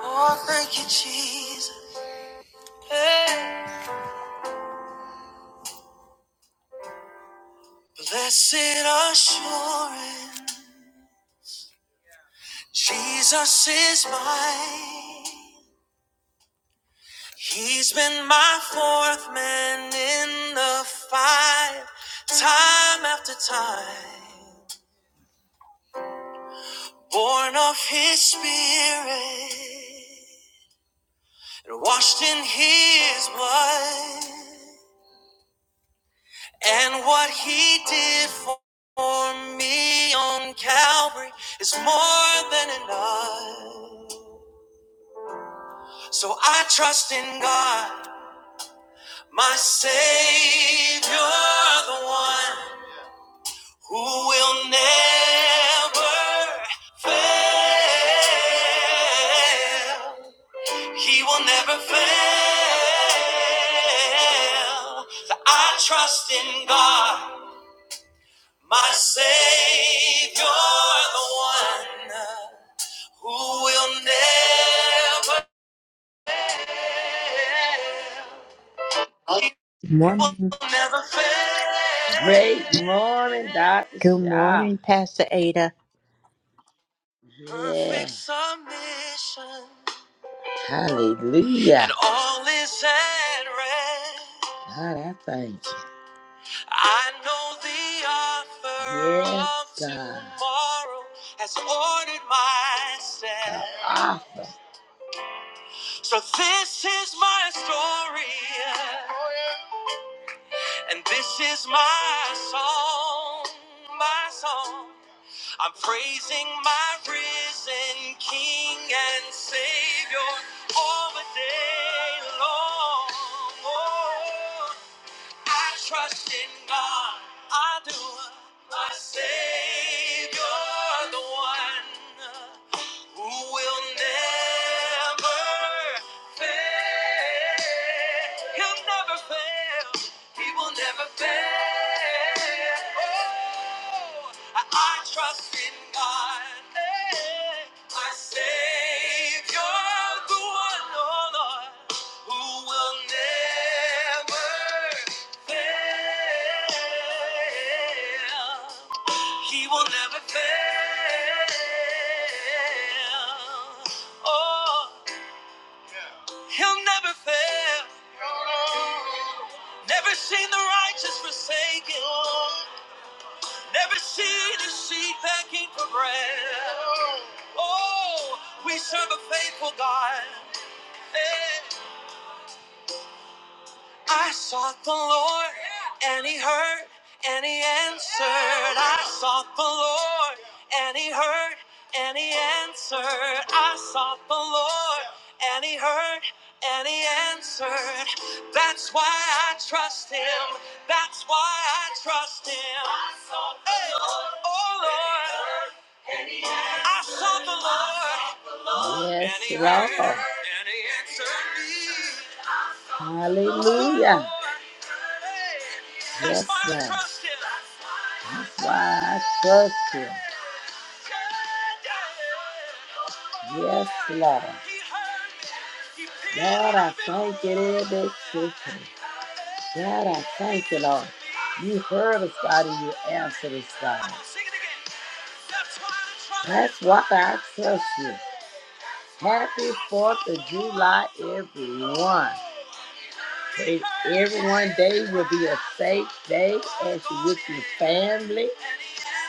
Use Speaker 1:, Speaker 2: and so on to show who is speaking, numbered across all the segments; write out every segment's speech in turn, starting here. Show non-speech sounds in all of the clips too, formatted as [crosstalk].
Speaker 1: Oh, thank you, Jesus. Hey. Blessed assurance, Jesus is mine. He's been my fourth man in the fight, time after time. Born of his spirit and washed in his blood. And what he did for me on Calvary is more than enough. So I trust in God, my Savior, the one who will never fail. He will never fail. So I trust in God. My Savior, the one who will never fail. He
Speaker 2: Good
Speaker 1: will
Speaker 2: morning.
Speaker 1: never fail. Great morning, Dr.
Speaker 2: Good
Speaker 1: Shaw.
Speaker 2: morning, Pastor Ada.
Speaker 1: Perfect Yeah. submission. Hallelujah. And all is at rest. God, I thank you. I know the author yes, of God. tomorrow has ordered my steps. Author. So this is my story, and this is my song, my song. I'm praising my risen King and Savior all the day long. Oh, I trust in God. I do. My Savior, the one who will never fail. He'll never fail. He will never fail. Oh, I, I trust in God, eh, my Savior, the one, oh Lord, who will never fail. He will never fail. Oh, he'll never fail. Never seen the righteous forsaken. Never seen a sheep begging for bread. Oh, we serve a faithful God. Eh. I sought the Lord, and He heard, and He answered. I sought the Lord, and He heard, and He answered. I sought the Lord, and He heard, and He answered. That's why I trust Him. That's why I trust Him. Hey, oh Lord, I sought the Lord. Yes, and he heard, Lord. and he answered me. Hallelujah. Yes, Lord. That's why I trust you. Yes, Lord. God, I thank you, Lord. that you can. God, I thank you, Lord. You heard us, God, and you answered us, God. That's why I trust you. Happy 4th of July, everyone. Pray everyone day will be a safe day as you with your family.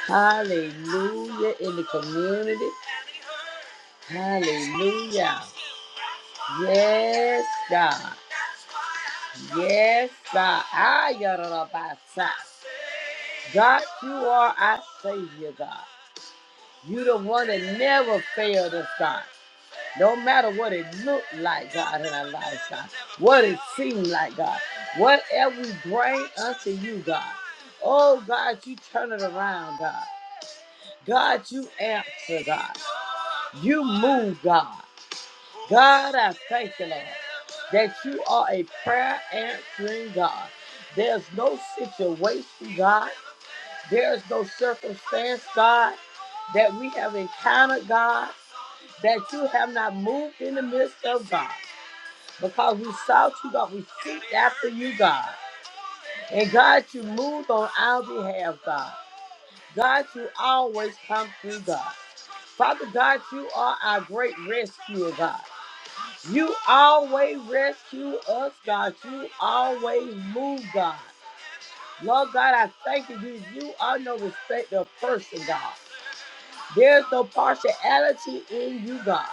Speaker 1: Hallelujah. In the community. Hallelujah. Yes, God. Yes, God. Ah, yadarabasa. God, you are our Savior, God. You the one that never failed us, God. No matter what it looked like, God, in our lives, God. What it seemed like, God. Whatever we bring unto you, God. Oh, God, you turn it around, God. God, you answer, God. You move, God. God, I thank you, Lord, that you are a prayer answering God. There's no situation, God. There's no circumstance, God, that we have encountered, God, that you have not moved in the midst of, God. because we sought you, God. We seeked after you, God. And God, you moved on our behalf, God. God, you always come through, God. Father God, you are our great rescuer, God. You always rescue us, God. You always move, God. Lord God, I thank you. You are no respecter of person, God. There's no partiality in you, God.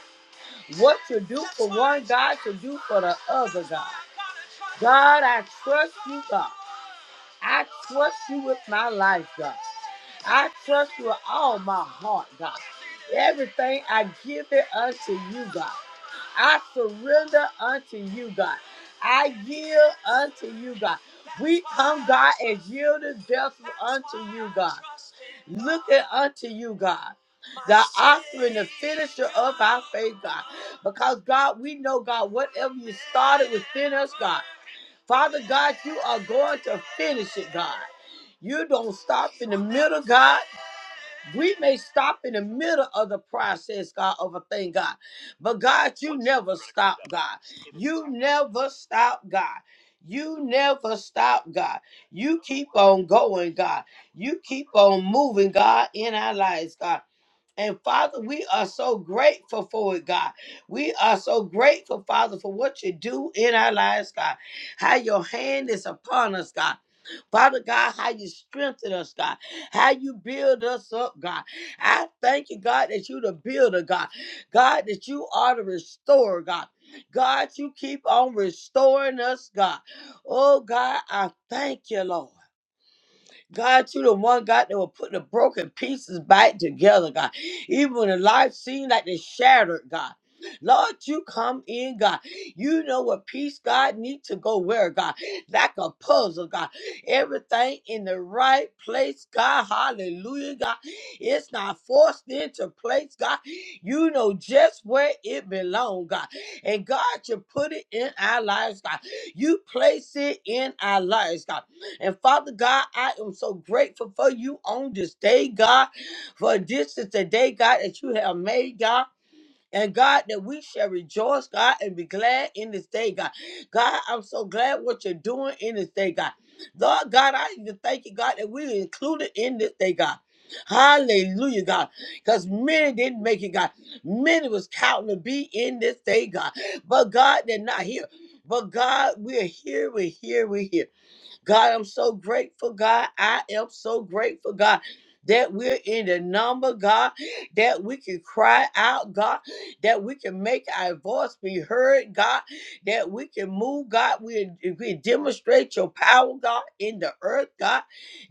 Speaker 1: What you do for one, God, you do for the other, God. God, I trust you, God. I trust you with my life, God. I trust you with all my heart, God. Everything I give it unto you, God. I surrender unto you, God. I yield unto you, God. We come, God, as yielded vessels unto you, God. Looking unto you, God. The author and the finisher of our faith, God. Because, God, we know, God, whatever you started within us, God. Father God, you are going to finish it, God. You don't stop in the middle, God. We may stop in the middle of the process, God, of a thing, God. But God, you never stop, God. You never stop, God. You never stop, God. You keep on going, God. You keep on moving, God, in our lives, God. And Father, we are so grateful for it, God. We are so grateful, Father, for what you do in our lives, God. How your hand is upon us, God. Father God, how you strengthen us, God. How you build us up, God. I thank you, God, that you the builder, God. God, that you are the restorer, God. God, you keep on restoring us, God. Oh, God, I thank you, Lord. God, you the one God that will put the broken pieces back together, God. Even when the life seemed like they shattered, God. Lord, you come in, God. You know what piece God need to go where, God. Like a puzzle, God. Everything in the right place, God. Hallelujah, God. It's not forced into place, God. You know just where it belongs, God. And God, you put it in our lives, God. You place it in our lives, God. And Father God, I am so grateful for you on this day, God. For this is the day, God, that you have made, God. And God, that we shall rejoice, God, and be glad in this day, God. God, I'm so glad what you're doing in this day, God. Lord God, I even thank you, God, that we are included in this day, God. Hallelujah, God. Because many didn't make it, God. Many was counting to be in this day, God. But God, they're not here. But God, we're here, we're here, we're here. God, I'm so grateful, God. I am so grateful, God. That we're in the number, God, that we can cry out, God, that we can make our voice be heard, God, that we can move, God. We, we demonstrate your power, God, in the earth, God,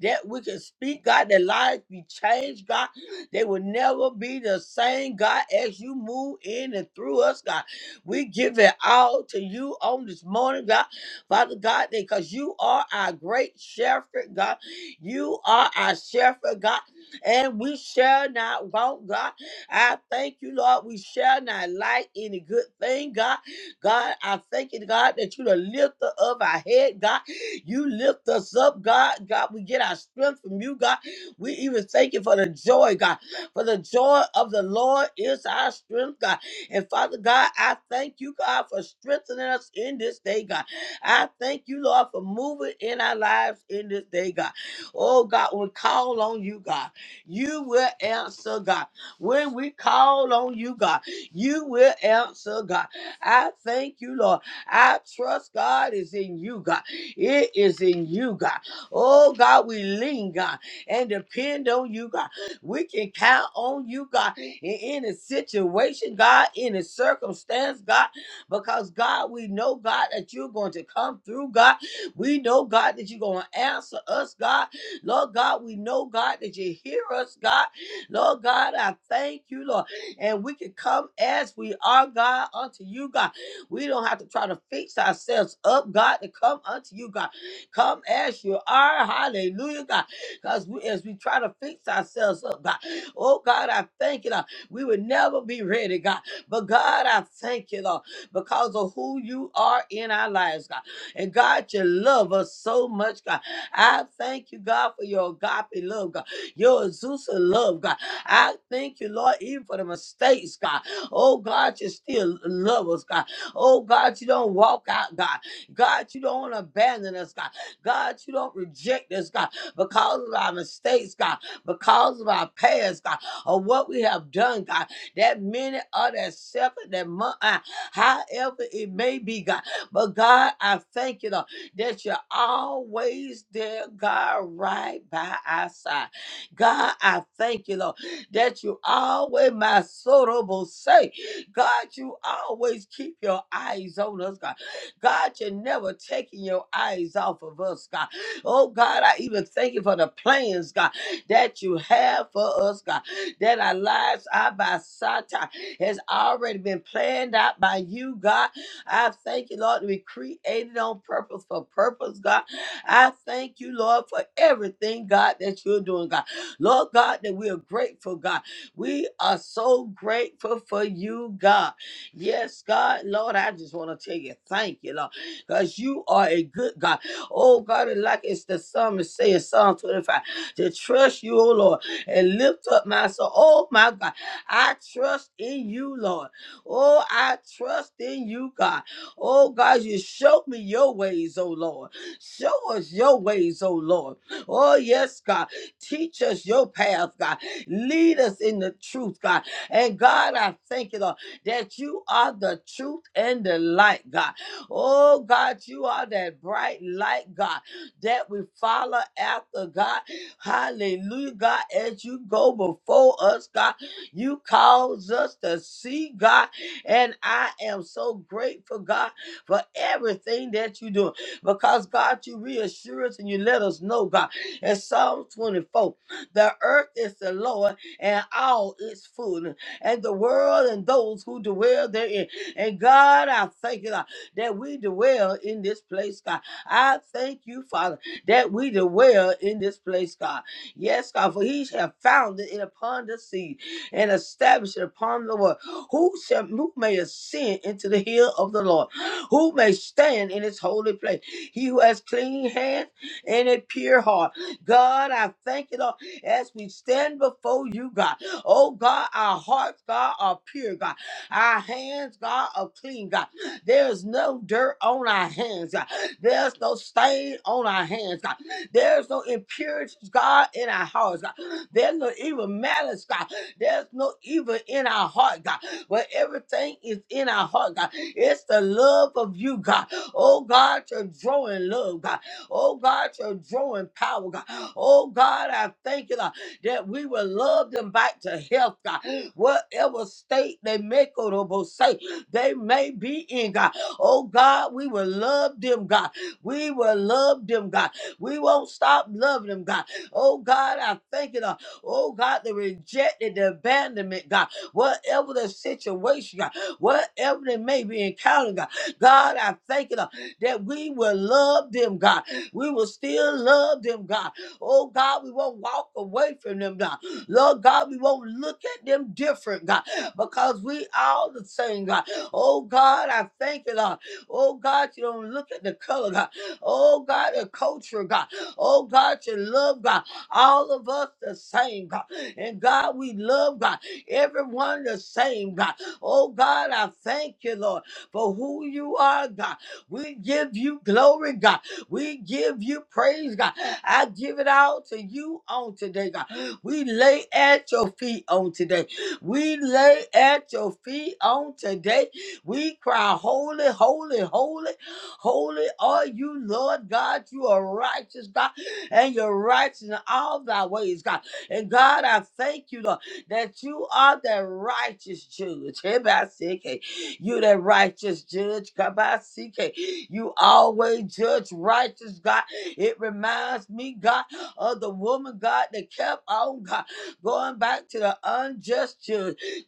Speaker 1: that we can speak, God, that lives be changed, God. They will never be the same, God, as you move in and through us, God. We give it all to you on this morning, God. Father God, because you are our great shepherd, God. You are our shepherd, God, and we shall not want, God. I thank you, Lord. We shall not lack any good thing, God. God, I thank you, God, that you the lifter of our head, God. You lift us up, God. God, we get our strength from you, God. We even thank you for the joy, God. For the joy of the Lord is our strength, God. And Father God, I thank you, God, for strengthening us in this day, God. I thank you, Lord, for moving in our lives in this day, God. Oh, God, we call on you, God. You will answer, God. When we call on you, God, you will answer, God. I thank you, Lord. I trust God is in you, God. It is in you, God. Oh, God, we lean, God, and depend on you, God. We can count on you, God, in any situation, God, any circumstance, God because God, we know, God, that you're going to come through, God. We know, God, that you're going to answer us, God. Lord God, we know, God, that you hear us, God. Lord God, I thank you, Lord. And we can come as we are, God, unto you, God. We don't have to try to fix ourselves up, God, to come unto you, God. Come as you are. Hallelujah, God. Because we, as we try to fix ourselves up, God. Oh, God, I thank you, Lord. We would never be ready, God. But God, I thank you, Lord because of who you are in our lives, God. And God, you love us so much, God. I thank you, God, for your agape love, God. Your Azusa love, God. I thank you, Lord, even for the mistakes, God. Oh, God, you still love us, God. Oh, God, you don't walk out, God. God, you don't abandon us, God. God, you don't reject us, God, because of our mistakes, God, because of our past, God, or what we have done, God that minute or that second, that month, uh, however it may be, God. But God, I thank you, Lord, that you're always there, God, right by our side. God, I thank you, Lord, that you always, my soul will say, God, you always keep your eyes on us, God. God, you're never taking your eyes off of us, God. Oh, God, I even thank you for the plans, God, that you have for us, God that our lives are by Sata has already been planned out by you, God. I thank you, Lord, that we created on purpose for purpose, God. I thank you, Lord, for everything, God, that you're doing, God. Lord God, that we are grateful, God. We are so grateful for you, God. Yes, God, Lord, I just want to tell you, thank you, Lord, because you are a good God. Oh, God, and like it's the psalmist say in Psalm 25, to trust you, oh Lord and lift up my soul. Oh my God, I trust in you, Lord. Oh, I trust in you, God. Oh God, you show me your ways, oh Lord. Show us your ways, oh Lord. Oh yes, God. Teach us your path, God. Lead us in the truth, God. And God, I thank you, Lord, that you are the truth and the light, God. Oh God, you are that bright light, God, that we follow after God Hallelujah, God. As you go before us, God, you cause us to see, God. And I am so grateful, God, for everything that you do. Because, God, you reassure us and you let us know, God. In Psalm 24, the earth is the Lord and all its fullness, and the world and those who dwell therein. And God, I thank you, God, that we dwell in this place, God. I thank you, Father that we dwell in this place, God. Yes, God, for he shall found it upon the sea and establish it upon the world. Who shall who may ascend into the hill of the Lord? Who may stand in his holy place? He who has clean hands and a pure heart. God, I thank you, Lord, as we stand before you, God. Oh God, our hearts, God, are pure, God. Our hands, God, are clean, God. There is no dirt on our hands, God. There's no stain on our hands, God. There's no impurities, God, in our hearts, God. There's no evil malice, God. There's no evil in our heart, God. But everything is in our heart, God. It's the love of you, God. Oh, God, you're drawing love, God. Oh, God, you're drawing power, God. Oh, God, I thank you, God, that we will love them back to health, God. Whatever state they make or say, they may be in, God. Oh, God, we will love them, God. We will love them, God. We won't stop loving them, God. Oh, God, I thank you, Lord. Oh, God, the rejected, the abandonment, God. Whatever the situation, God. Whatever they may be encountering, God. God, I thank you, Lord, that we will love them, God. We will still love them, God. Oh, God, we won't walk away from them, God. Lord God, we won't look at them different, God, because we all the same, God. Oh God, I thank you, Lord. Oh God, you don't look at the color, God. Oh God, a culture, God. Oh God, your love, God. All of us the same, God. And God, we love God. Everyone the same, God. Oh God, I thank you, Lord, for who you are, God. We give you glory, God. We give you praise, God. I give it all to you on today, God. We lay at your feet on today. We lay at your feet on today. We cry, Holy, holy, holy. Holy are you, Lord God. You are righteous, God, and you're righteous in all thy ways, God. And God, I thank you, Lord, that you are that righteous judge. [laughs] Hebasike. You that righteous judge. Kabasike. You always judge righteous, God. It reminds me, God, of the woman, God, that kept on, God, going back to the unjust judge.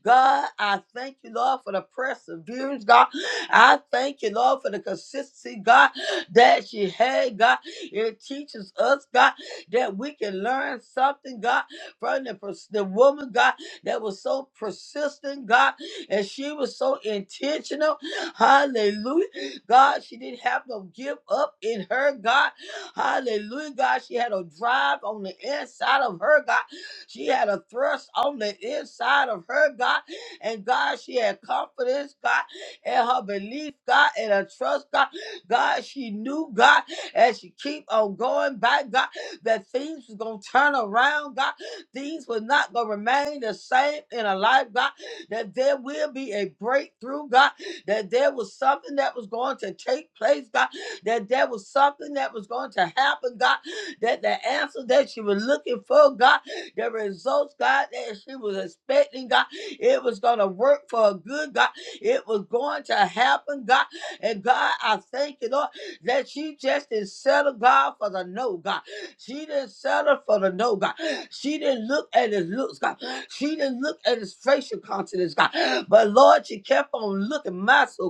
Speaker 1: God, I thank you, Lord, for the perseverance, God. I thank you, Lord, for the consistency, God, that she had, God. It teaches us, God, that we can learn something, God, from the, pers- the woman, God, that was so persistent, God, and she was so intentional. Hallelujah. God, she didn't have no give up in her, God. Hallelujah, God. She had a drive on the inside of her, God. She had a thrust on the inside of her, God. And God, she had confidence, God, in her belief, God, and her trust, God. God, she knew, God, as she keep on going back, God, that things was gonna turn around, God. Things was not gonna remain the same in her life, God. That there will be a breakthrough, God. That there was something that was going to take place, God. That there was something that was going to happen, God. That the answer that she was looking for, God the results, God, that she was expecting, God, it was going to work for her good, God. It was going to happen, God. And God, I thank you, Lord, that she just didn't settle, God, for the no, God. She didn't settle for the no, God. She didn't look at his looks, God. She didn't look at his facial countenance, God. But Lord, she kept on looking, my so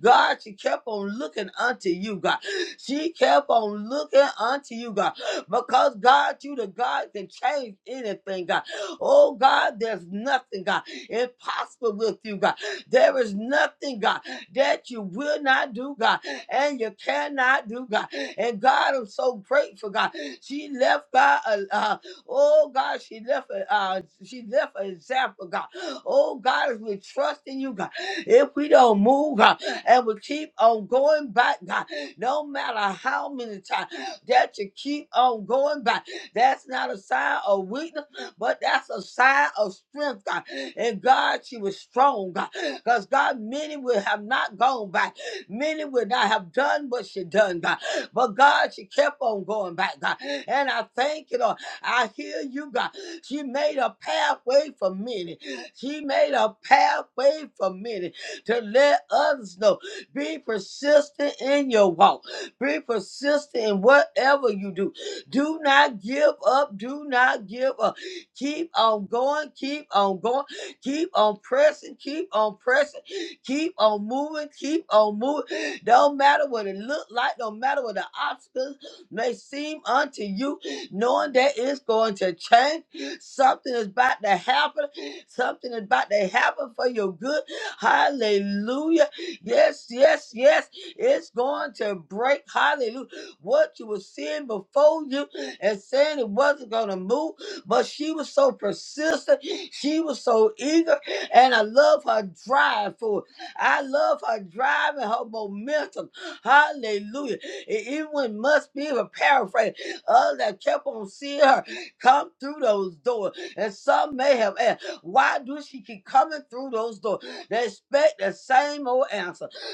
Speaker 1: God, she kept on looking unto you, God. She kept on looking unto you, God because God, you the God can change anything, God. Oh God, there's nothing, God, impossible with you, God. There is nothing, God, that you will not do, God, and you cannot do, God. And God, I'm so grateful, God. She left God, uh, uh, oh God, she left, a- uh, she left an example, God. Oh God, if we trust in you, God, if we don't move, God, and we keep on going back, God, no matter how many times that you keep on going by. That's not a sign of weakness, but that's a sign of strength, God. And God, she was strong, God. Because God, many will have not gone back. Many would not have done what she done, God. But God, she kept on going back, God. And I thank you, Lord. I hear you, God. She made a pathway for many. She made a pathway for many to let others know. Be persistent in your walk. Be persistent in whatever you do. Do not give up. Do not give up. Keep on going. Keep on going. Keep on pressing. Keep on pressing. Keep on moving. Keep on moving. Don't matter what it look like. Don't matter what the obstacles may seem unto you. Knowing that it's going to change. Something is about to happen. Something is about to happen for your good. Hallelujah. Yes, yes, yes. It's going to break. Hallelujah. What you were seeing before you and saying it wasn't going to move, but she was so persistent. She was so eager. And I love her drive for it. I love her drive and her momentum. Hallelujah. And even when must be a paraphrase, others that kept on seeing her come through those doors. And some may have asked, why do she keep coming through those doors? They expect the same old answer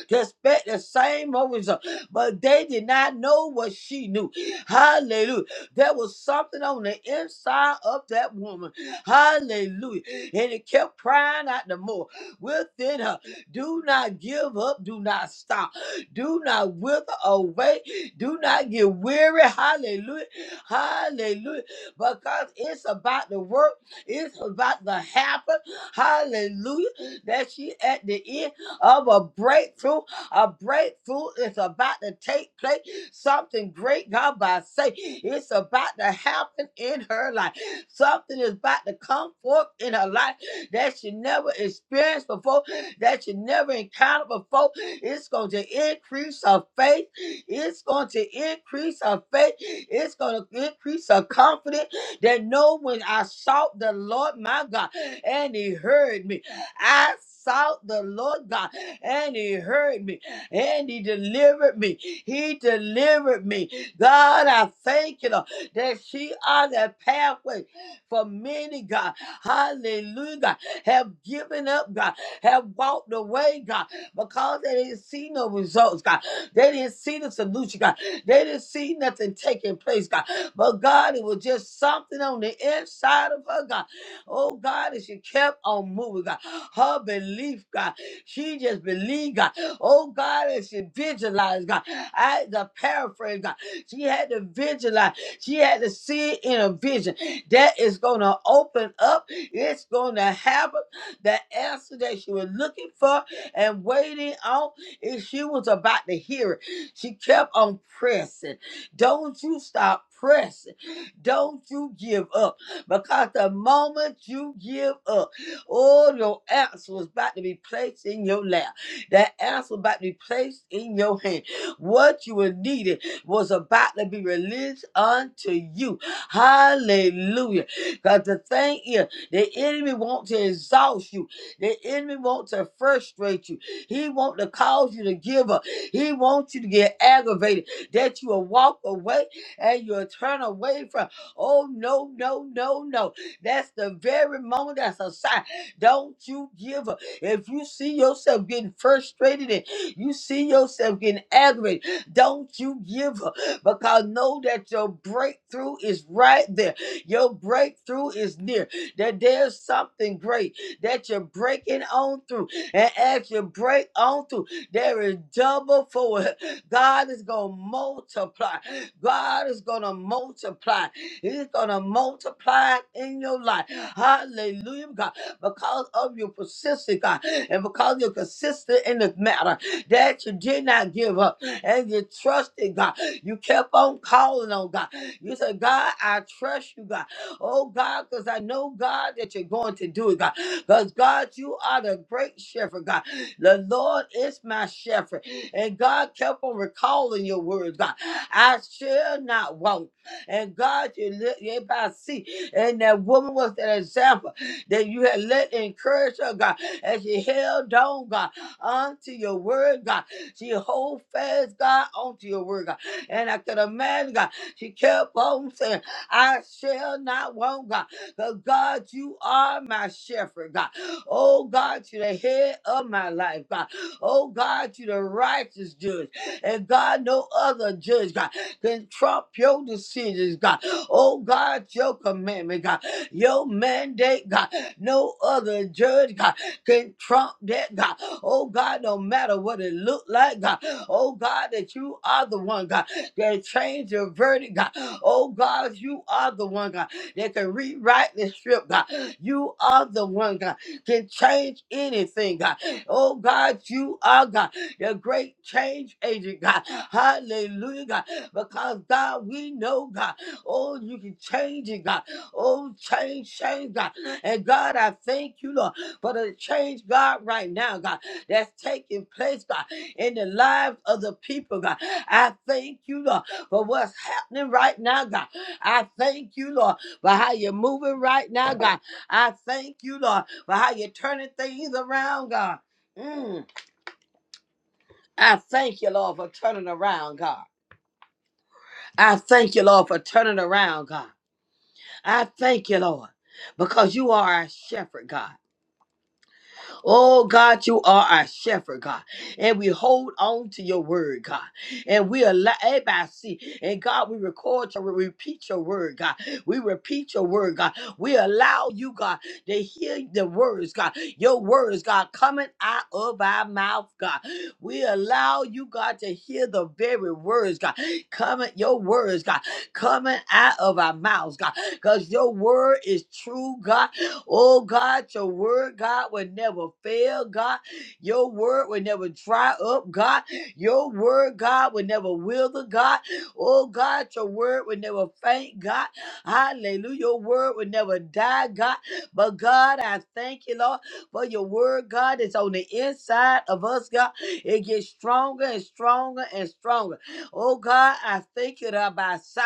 Speaker 1: to expect the same old result. But they did not know what she knew. Hallelujah. There was something on the inside of that woman. Hallelujah. And it kept crying out the more within her. Do not give up. Do not stop. Do not wither away. Do not get weary. Hallelujah. Hallelujah. Because it's about the work. It's about to happen. Hallelujah. That she at the end of a breakthrough. A breakthrough is about to take place. Something great, God, by say, it's about to happen in her life. Something is about to come forth in her life that she never experienced before, that she never encountered before. It's going to increase her faith. It's going to increase her faith. It's going to increase her confidence that no, when I sought the Lord my God and he heard me. I sought the Lord God, and He heard me, and He delivered me. He delivered me. God, I thank you, Lord, that she on the pathway for many, God. Hallelujah. God, Have given up, God. Have walked away, God, because they didn't see no results, God. They didn't see the solution, God. They didn't see nothing taking place, God. But God, it was just something on the inside of her, God. Oh God, as she kept on moving, God. Her belief, God. She just believed, God. Oh God, as she visualized, God. I had to paraphrase, God. She had to visualize. She had to see it in a vision. That is gonna open up. It's gonna happen. The answer that she was looking for and waiting on, and she was about to hear it. She kept on pressing. Don't you stop pressing. Don't you give up because the moment you give up, all your answer was about to be placed in your lap. That answer was about to be placed in your hand. What you were needed was about to be released unto you. Hallelujah. Because the thing is, the enemy wants to exhaust you. The enemy wants to frustrate you. He wants to cause you to give up. He wants you to get aggravated that you will walk away and you'll turn away from. Oh, no, no, no, no. That's the very moment that's a sign. Don't you give up. If you see yourself getting frustrated and you see yourself getting aggravated, don't you give up because know that your breakthrough is right there. Your breakthrough is near. That there's something great that you're breaking on through. And as you break on through, there is double for it. God is going to multiply. God is going to multiply. He's going to multiply in your life. Hallelujah, God. Because of your persistence, God, and because you're consistent in the matter that you did not give up and you trusted God. You kept on calling on God. You said, God, I trust you, God. Oh, God, because I know, God, that you're going to do it, God. Because, God, you are the great shepherd, God. The Lord is my shepherd. And God kept on recalling your words, God. I shall not want. And God, you let everybody see. And that woman was that example that you had let encourage her, God, as she held on, God, onto your word, God. She hold fast, God, onto your word, God. And I could imagine, God, she kept on saying, I shall not want, God. Because God, you are my shepherd, God. Oh, God, you're the head of my life, God. Oh God, you the righteous judge. And God, no other judge, God, can trump your decisions, God. Oh God, your commandment, God, your mandate, God. No other judge, God, can trump that, God. Oh God, no matter what it look like, God. Oh God, that you are the one, God, that changed the verdict, God. Oh God, you are the one, God, that can rewrite the script, God. You are the one, God, can change anything, God. Oh God, you are God, the great change agent, God. Hallelujah, God. Because God, we know God. Oh, you can change it, God. Oh, change, change, God. And God, I thank you, Lord, for the change, God, right now, God, that's taking place, God, in the lives of the people, God. I thank you, Lord, for what's happening right now, God. I thank you, Lord, for how you're moving right now, God. I thank you, Lord, for how you're turning things around, God. Mm, I thank you, Lord, for turning around, God. I thank you, Lord, for turning around, God. I thank you, Lord, because you are our shepherd, God. Oh God, you are our shepherd, God. And we hold on to your word, God. And we allow everybody see. And God, we record your we repeat your word, God. We repeat your word, God. We allow you, God, to hear the words, God. Your words, God, coming out of our mouth, God. We allow you, God, to hear the very words, God. Coming your words, God coming out of our mouths, God, because your word is true, God. Oh, God, your word, God, will never fail, God. Your word will never dry up, God. Your word, God, will never wither, God. Oh, God, your word will never faint, God. Hallelujah. Your word will never die, God. But, God, I thank you, Lord, for your word, God, that's on the inside of us, God. It gets stronger and stronger and stronger. Oh God, I thank you, Rabbi. Si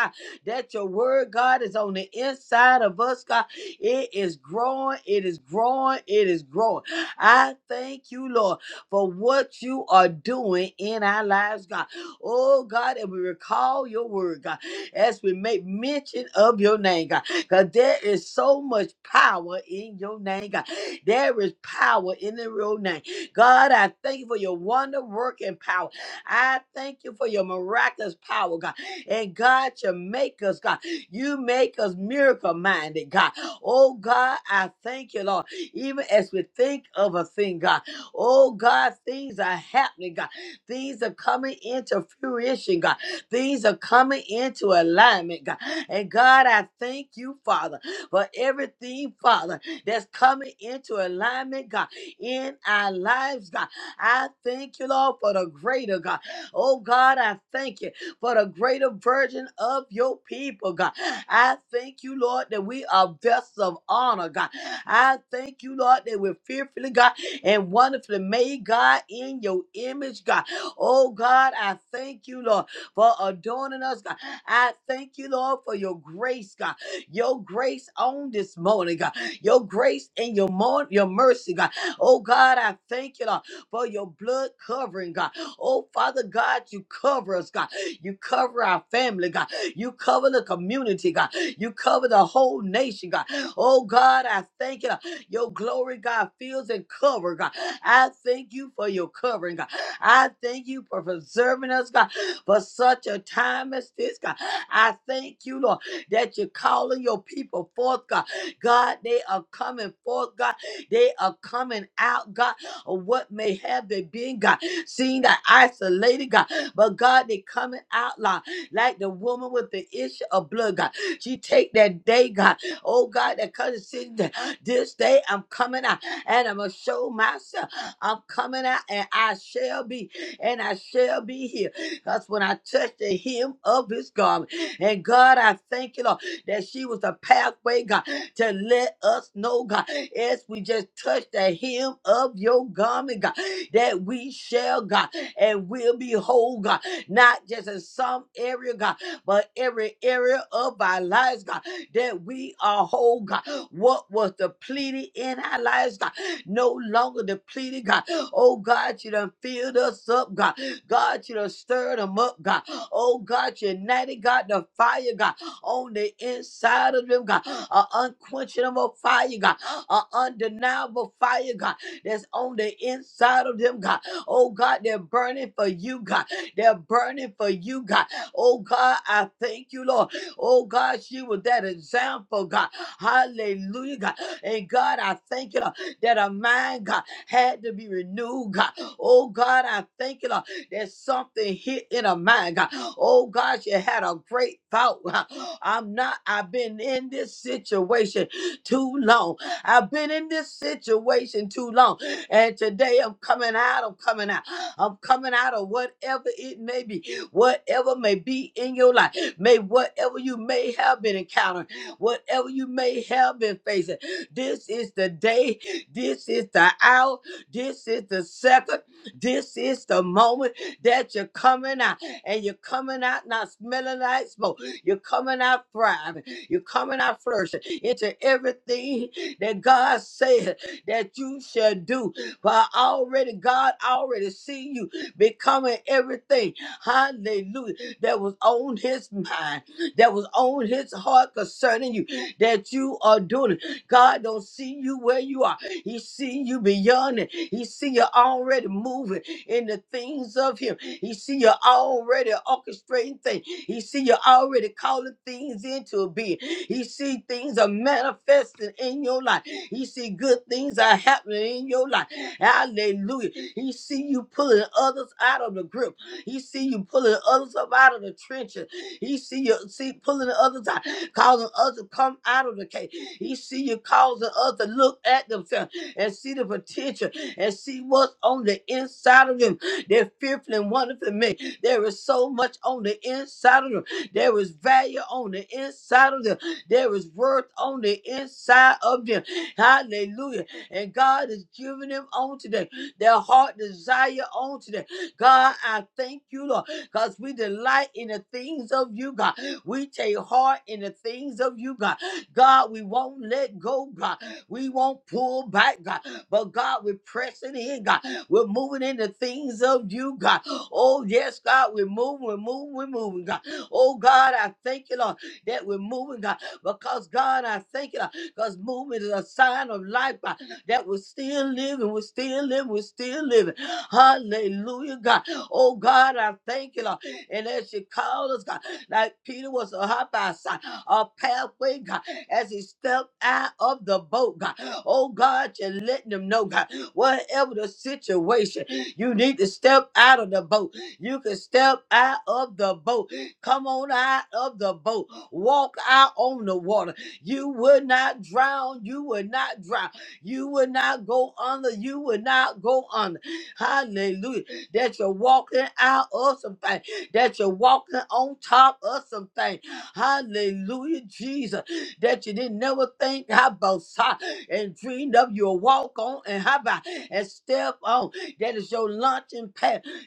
Speaker 1: that your word, God, is on the inside of us, God. It is growing, it is growing, it is growing. I thank you, Lord, for what you are doing in our lives, God. Oh, God, and we recall your word, God, as we make mention of your name, God, because there is so much power in your name, God. There is power in the real name. God, I thank you for your wonder working power. I thank you for your miraculous power, God. And God, you make us, God. You make us miracle minded, God. Oh, God, I thank you, Lord. Even as we think of a thing, God. Oh, God, things are happening, God. Things are coming into fruition, God. Things are coming into alignment, God. And God, I thank you, Father, for everything, Father, that's coming into alignment, God, in our lives, God. I thank you, Lord, for the greater, God. Oh, God, I thank you for the greater virgin of your people, God. I thank you, Lord, that we are vessels of honor, God. I thank you, Lord, that we're fearfully, God, and wonderfully made, God, in your image, God. Oh, God, I thank you, Lord, for adorning us, God. I thank you, Lord, for your grace, God. Your grace on this morning, God. Your grace and your, mor- your mercy, God. Oh, God, I thank you, Lord, for your blood covering, God. Oh, Father God, you cover us, God. You cover our family, God. You cover the community, God. You cover the whole nation, God. Oh, God, I thank you. Your glory, God, fills and cover, God. I thank you for your covering, God. I thank you for preserving us, God, for such a time as this, God. I thank you, Lord, that you're calling your people forth, God. God, they are coming forth, God. They are coming out, God, of what may have they been, God. Seen that isolated, God. But God, they coming out like, like the woman with the issue of blood, God. She take that day, God. Oh God, that cousin sitting there. This day I'm coming out and I'm gonna show myself. I'm coming out and I shall be and I shall be here. That's when I touched the hem of his garment. And God, I thank you, Lord, that she was a pathway, God, to let us know, God, as we just touch the hem of your garment, God, that we shall, God and we'll be whole, God. Not just in some area, God, but every area of our lives, God, that we are whole, God. What was depleted in our lives, God, no longer depleted, God. Oh, God, you done filled us up, God. God, you done stirred them up, God. Oh, God, you ignited, God, the fire, God, on the inside of them, God. An unquenchable fire, God. An undeniable fire, God, that's on the inside of them, God. Oh God, they're burning for you, God. They're burning for you, God. Oh God, I thank you, Lord. Oh God, she was that example, God. Hallelujah, God. And God, I thank you, Lord, that her mind, God, had to be renewed, God. Oh God, I thank you, Lord, that something hit in her mind, God. Oh God, she had a great thought. God. I'm not, I've been in this situation too long. I've been in this situation too long. And today I'm coming out, I'm coming out, I'm coming out of whatever it may be, whatever may be in your life, may whatever you may have been encountering, whatever you may have been facing. This is the day, this is the hour, this is the second, this is the moment that you're coming out. And you're coming out not smelling like smoke, you're coming out thriving, you're coming out flourishing into everything that God said that you shall do but already, God already see you becoming everything. Hallelujah. That was on his mind, that was on his heart concerning you, that you are doing it. God don't see you where you are. He see you beyond it. He see you already moving in the things of him. He see you already orchestrating things. He see you already calling things into being. He see things are manifesting in your life. He see good things are happening in your life. Hallelujah. He see you pulling others out of the grip. He see you pulling others up out of the trenches. He see you see pulling others out, causing others to come out of the cave. He see you causing others to look at themselves and see the potential and see what's on the inside of them. They're fearful and wonderful men. There is so much on the inside of them. There is value on the inside of them. There is worth on the inside of them. Hallelujah. And God is giving them on today. Their heart desire on today. God, I thank you, Lord, because we delight in the things of you, God. We take heart in the things of you, God. God, we won't let go, God. We won't pull back, God. But God, we're pressing in, God. We're moving in the things of you, God. Oh, yes, God, we're moving, we're moving, we're moving, God. Oh, God, I thank you, Lord, that we're moving, God. Because, God, I thank you, Lord, because movement is a sign of life, God that was still living, was still living, was still living. Hallelujah, God. Oh, God, I thank you, Lord. And as you called us, God, like Peter was a hop by side, a pathway, God, as he stepped out of the boat, God. Oh, God, you're letting them know, God, whatever the situation, you need to step out of the boat. You can step out of the boat. Come on out of the boat. Walk out on the water. You will not drown. You will not drown. You will not go under. You will not go under. Hallelujah. That you're walking out of something. That you're walking on top of something. Hallelujah, Jesus. That you didn't never think about si- and dreamed of your walk on and how about and step on. That is your lunch pad.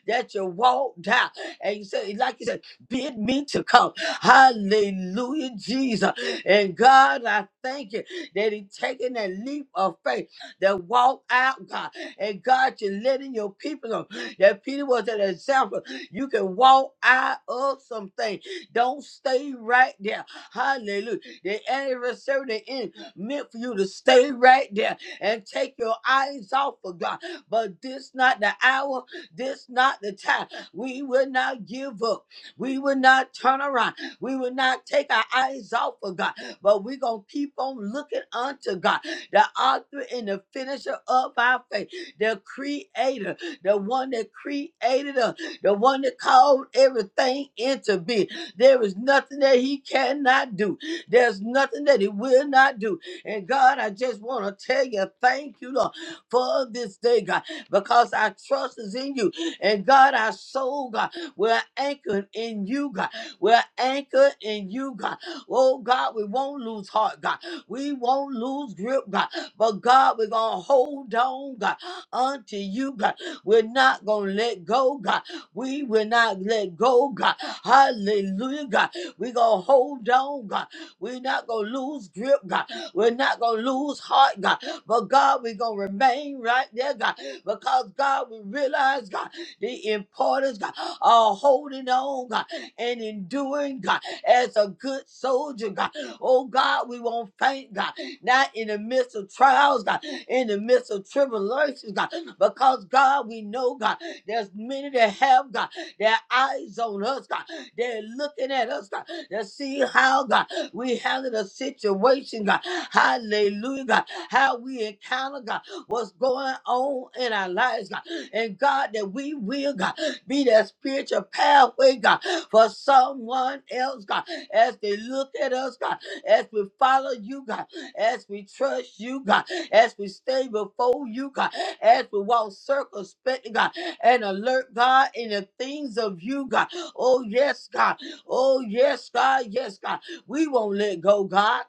Speaker 1: that you walked out. And you say, like you said bid me to come. Hallelujah, Jesus. And God, I thank you that He taking that leap of faith, that walk out, God. And God, you're letting your people know that Peter was an example. You can walk out of something. Don't stay right there. Hallelujah. The anniversary the end meant for you to stay right there and take your eyes off of God. But this not the hour, this not the time. We will not give up. We will not turn around. We will not take our eyes off of God, but we're going to keep on looking unto God, the author and the finisher of our faith, the creator, the one that created us, the one that called everything into being. There is nothing that he cannot do. There's nothing that he will not do. And God, I just want to tell you, thank you, Lord, for this day, God, because our trust is in you. And God, our soul, God. We're anchored in you, God. We're anchored in you, God. Oh, God, we won't lose heart, God. We won't lose grip, God. But, God, we're going to hold on, God, unto you, God. We're not going to let go, God. We will not let go, God. Hallelujah, God. We're going to hold on, God. We're not going to lose grip, God. We're not going to lose heart, God. But, God, we're going to remain right there, God. Because, God, we realize, God. The importance, God, of holding on, God, and enduring, God, as a good soldier, God. Oh, God, we won't faint, God, not in the midst of trials, God, in the midst of tribulations, God, because, God, we know, God, there's many that have, God, their eyes on us, God. They're looking at us, God, to see how, God, we handle the situation, God. Hallelujah, God. How we encounter, God, what's going on in our lives, God. And God, that we will, God, be that spiritual pathway, God, for someone else, God, as they look at us, God, as we follow you, God, as we trust you, God, as we stay before you, God, as we walk circumspect, God, and alert, God, in the things of you, God. Oh, yes, God. Oh, yes, God. Yes, God. We won't let go, God.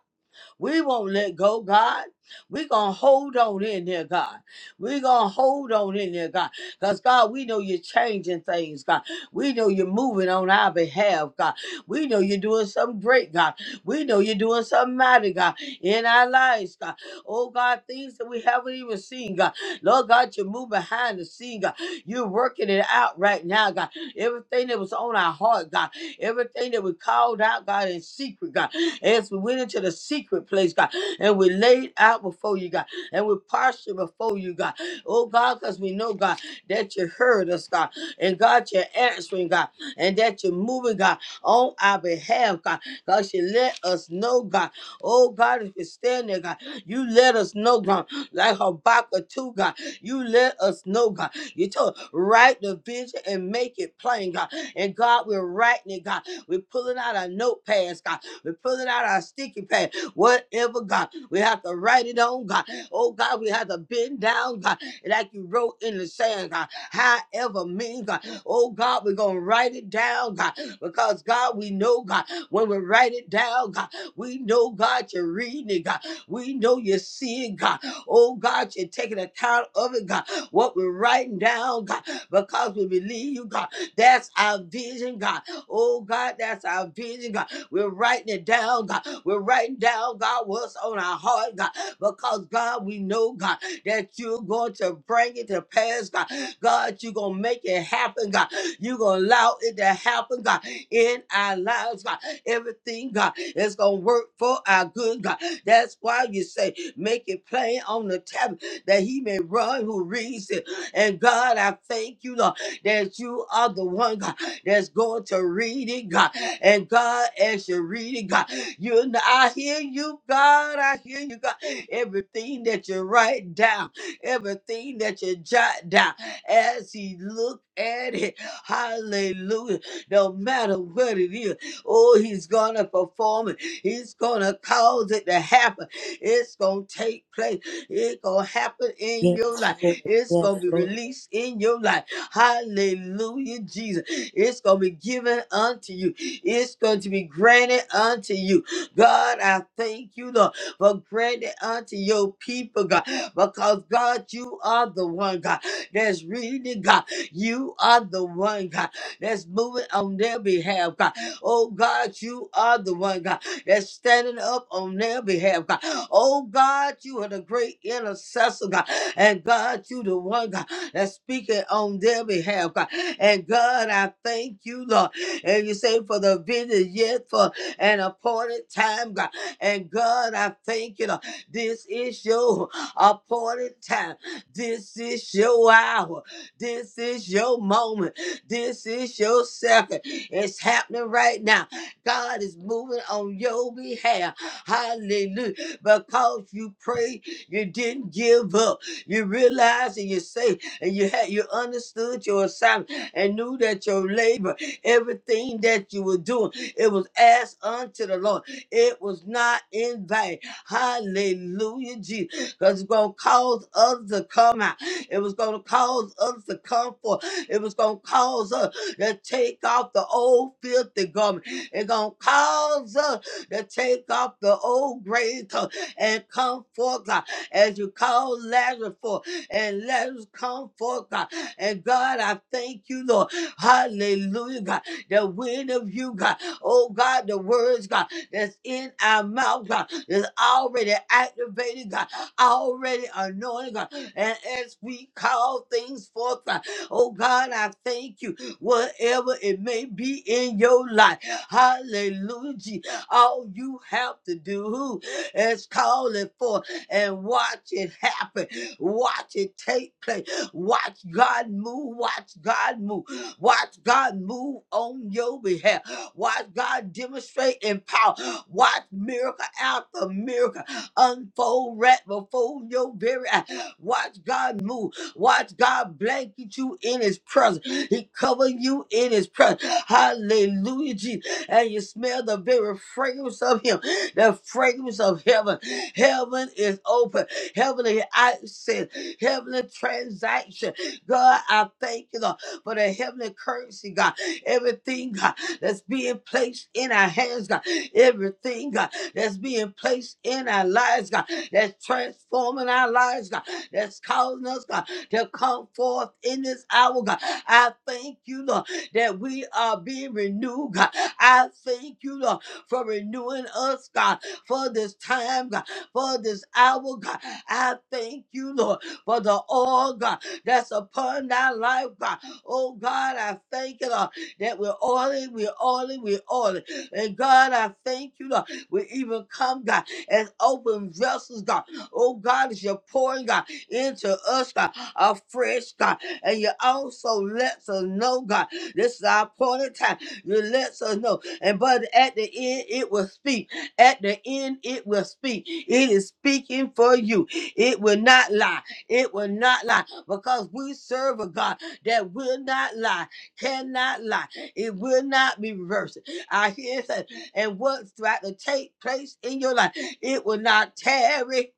Speaker 1: We won't let go, God. We're going to hold on in there, God. We're going to hold on in there, God. Because, God, we know you're changing things, God. We know you're moving on our behalf, God. We know you're doing something great, God. We know you're doing something mighty, God, in our lives, God. Oh, God, things that we haven't even seen, God. Lord God, you move behind the scene, God. You're working it out right now, God. Everything that was on our heart, God. Everything that we called out, God, in secret, God. As we went into the secret place, God, and we laid out before you, God, and we postured before you, God. Oh, God, because we know, God, that you heard us, God, and God, you're answering, God, and that you're moving, God, on our behalf, God, because you let us know, God. Oh, God, if you stand there, God, you let us know, God, like Habakkuk 2, God, you let us know, God. You told write the vision and make it plain, God. And God, we're writing it, God. We're pulling out our notepads, God. We're pulling out our sticky pad. Whatever, God. We have to write it on, God. Oh, God, we have to bend down, God. Like you wrote in the sand, God. However, mean, God. Oh, God, we're going to write it down, God. Because, God, we know, God, when we write it down, God, we know, God, you're reading it, God. We know you see it, God. Oh God, you're taking account of it, God. What we're writing down, God, because we believe you, God. That's our vision, God. Oh God, that's our vision, God. We're writing it down, God. We're writing down, God, what's on our heart, God. Because God, we know, God, that you're going to bring it to pass, God. God, you're gonna make it happen, God. You're going to allow it to happen, God, in our lives, God. Everything, God, is going to work for our good, God. That's why you say, make it plain on the tablet that he may run who reads it. And God, I thank you, Lord, that you are the one, God, that's going to read it, God. And God, as you read it, God, you I hear you, God. I hear you, God. Everything that you write down everything that you jot down as he looked at it. Hallelujah. No matter what it is, oh, he's gonna perform it. He's gonna cause it to happen. It's gonna take place. It's gonna happen in your
Speaker 2: Yes,
Speaker 1: life.
Speaker 2: Lord.
Speaker 1: It's
Speaker 2: Yes,
Speaker 1: gonna be
Speaker 2: Lord.
Speaker 1: released in your life. Hallelujah, Jesus. It's gonna be given unto you. It's going to be granted unto you. God, I thank you, Lord but grant it unto your people, God, because God, you are the one, God, that's reading, God. You are the one, God, that's moving on their behalf, God. Oh, God, you are the one, God, that's standing up on their behalf, God. Oh, God, you are the great intercessor, God. And God, you the one, God, that's speaking on their behalf, God. And God, I thank you, Lord. And you say for the vision yet for an appointed time, God. And God, I thank you. Lord. This is your appointed time. This is your hour. This is your moment. This is your second. It's happening right now. God is moving on your behalf. Hallelujah. Because you prayed, you didn't give up. You realized and you say, and you had you understood your assignment and knew that your labor, everything that you were doing, it was asked unto the Lord. It was not in vain. Hallelujah, Jesus. Because it's going to cause us to come out. It was going to cause us to come forth. It was going to cause us to take off the old filthy garment. It's going to cause us to take off the old gray coat and come forth, God, as you call Lazarus forth. And Lazarus come forth, God. And God, I thank you, Lord. Hallelujah, God. The wind of you, God. Oh God, the words, God, that's in our mouth, God, that's already activated, God, already anointed, God. And as we call things forth, God, oh God, I thank you, whatever it may be in your life. Hallelujah. Je- All you have to do is call it forth and watch it happen. Watch it take place. Watch God move. Watch God move. Watch God move on your behalf. Watch God demonstrate in power. Watch miracle after miracle unfold right before your very eyes. Watch God move. Watch God blanket you in His presence. He cover you in His presence. Hallelujah, Jesus. And you smell the very fragrance of Him, the fragrance of heaven. Heaven is open. Heavenly access. Heavenly transaction. God, I thank you. Lord for the heavenly currency, God. Everything, God, that's being placed in our hands, God. Everything, God, that's being placed in our lives, God. That's transforming our lives, God. That's causing us, God, to come forth in this hour, God. I thank you, Lord, that we are being renewed, God. I thank you, Lord, for renewing us, God, for this time, God, for this hour, God. I thank you, Lord, for the all, God, that's upon our life, God. Oh God, I thank you, Lord, that we're oily, we're oily, we're oily. And God, I thank you, Lord. We even come, God, as open vessels, God. Oh God, as you're pouring, God, into us, God, a fresh God. And you also let us know, God, this is our appointed time. You let us know. And but at the end, it will speak. At the end, it will speak. It is speaking for you. It will not lie. It will not lie because we serve a God that will not lie, cannot lie. It will not be reversed. I hear it say, and what's about to take place in your life, it will not tarry.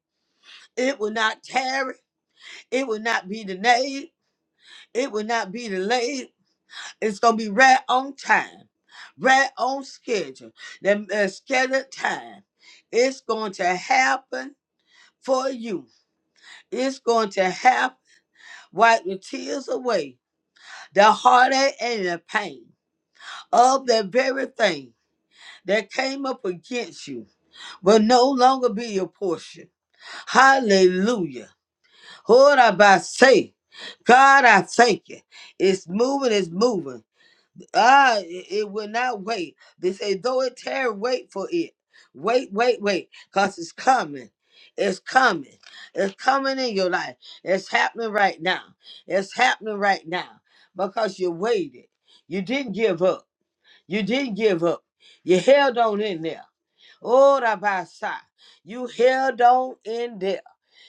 Speaker 1: It will not tarry. It will not be delayed. It will not be delayed. It's going to be right on time, right on schedule, the the scheduled time. It's going to happen for you. It's going to happen. Wipe the tears away, the heartache and the pain. of that very thing that came up against you will no longer be your portion. Hallelujah. What I say, God, I thank you. It's moving, it's moving. Ah, it, it will not wait. They say, though it tear, wait for it. Wait, wait, wait, because it's coming. It's coming. It's coming in your life. It's happening right now. It's happening right now because you waited. You didn't give up. You didn't give up. You held on in there. Oh, Rabasa, you held on in there.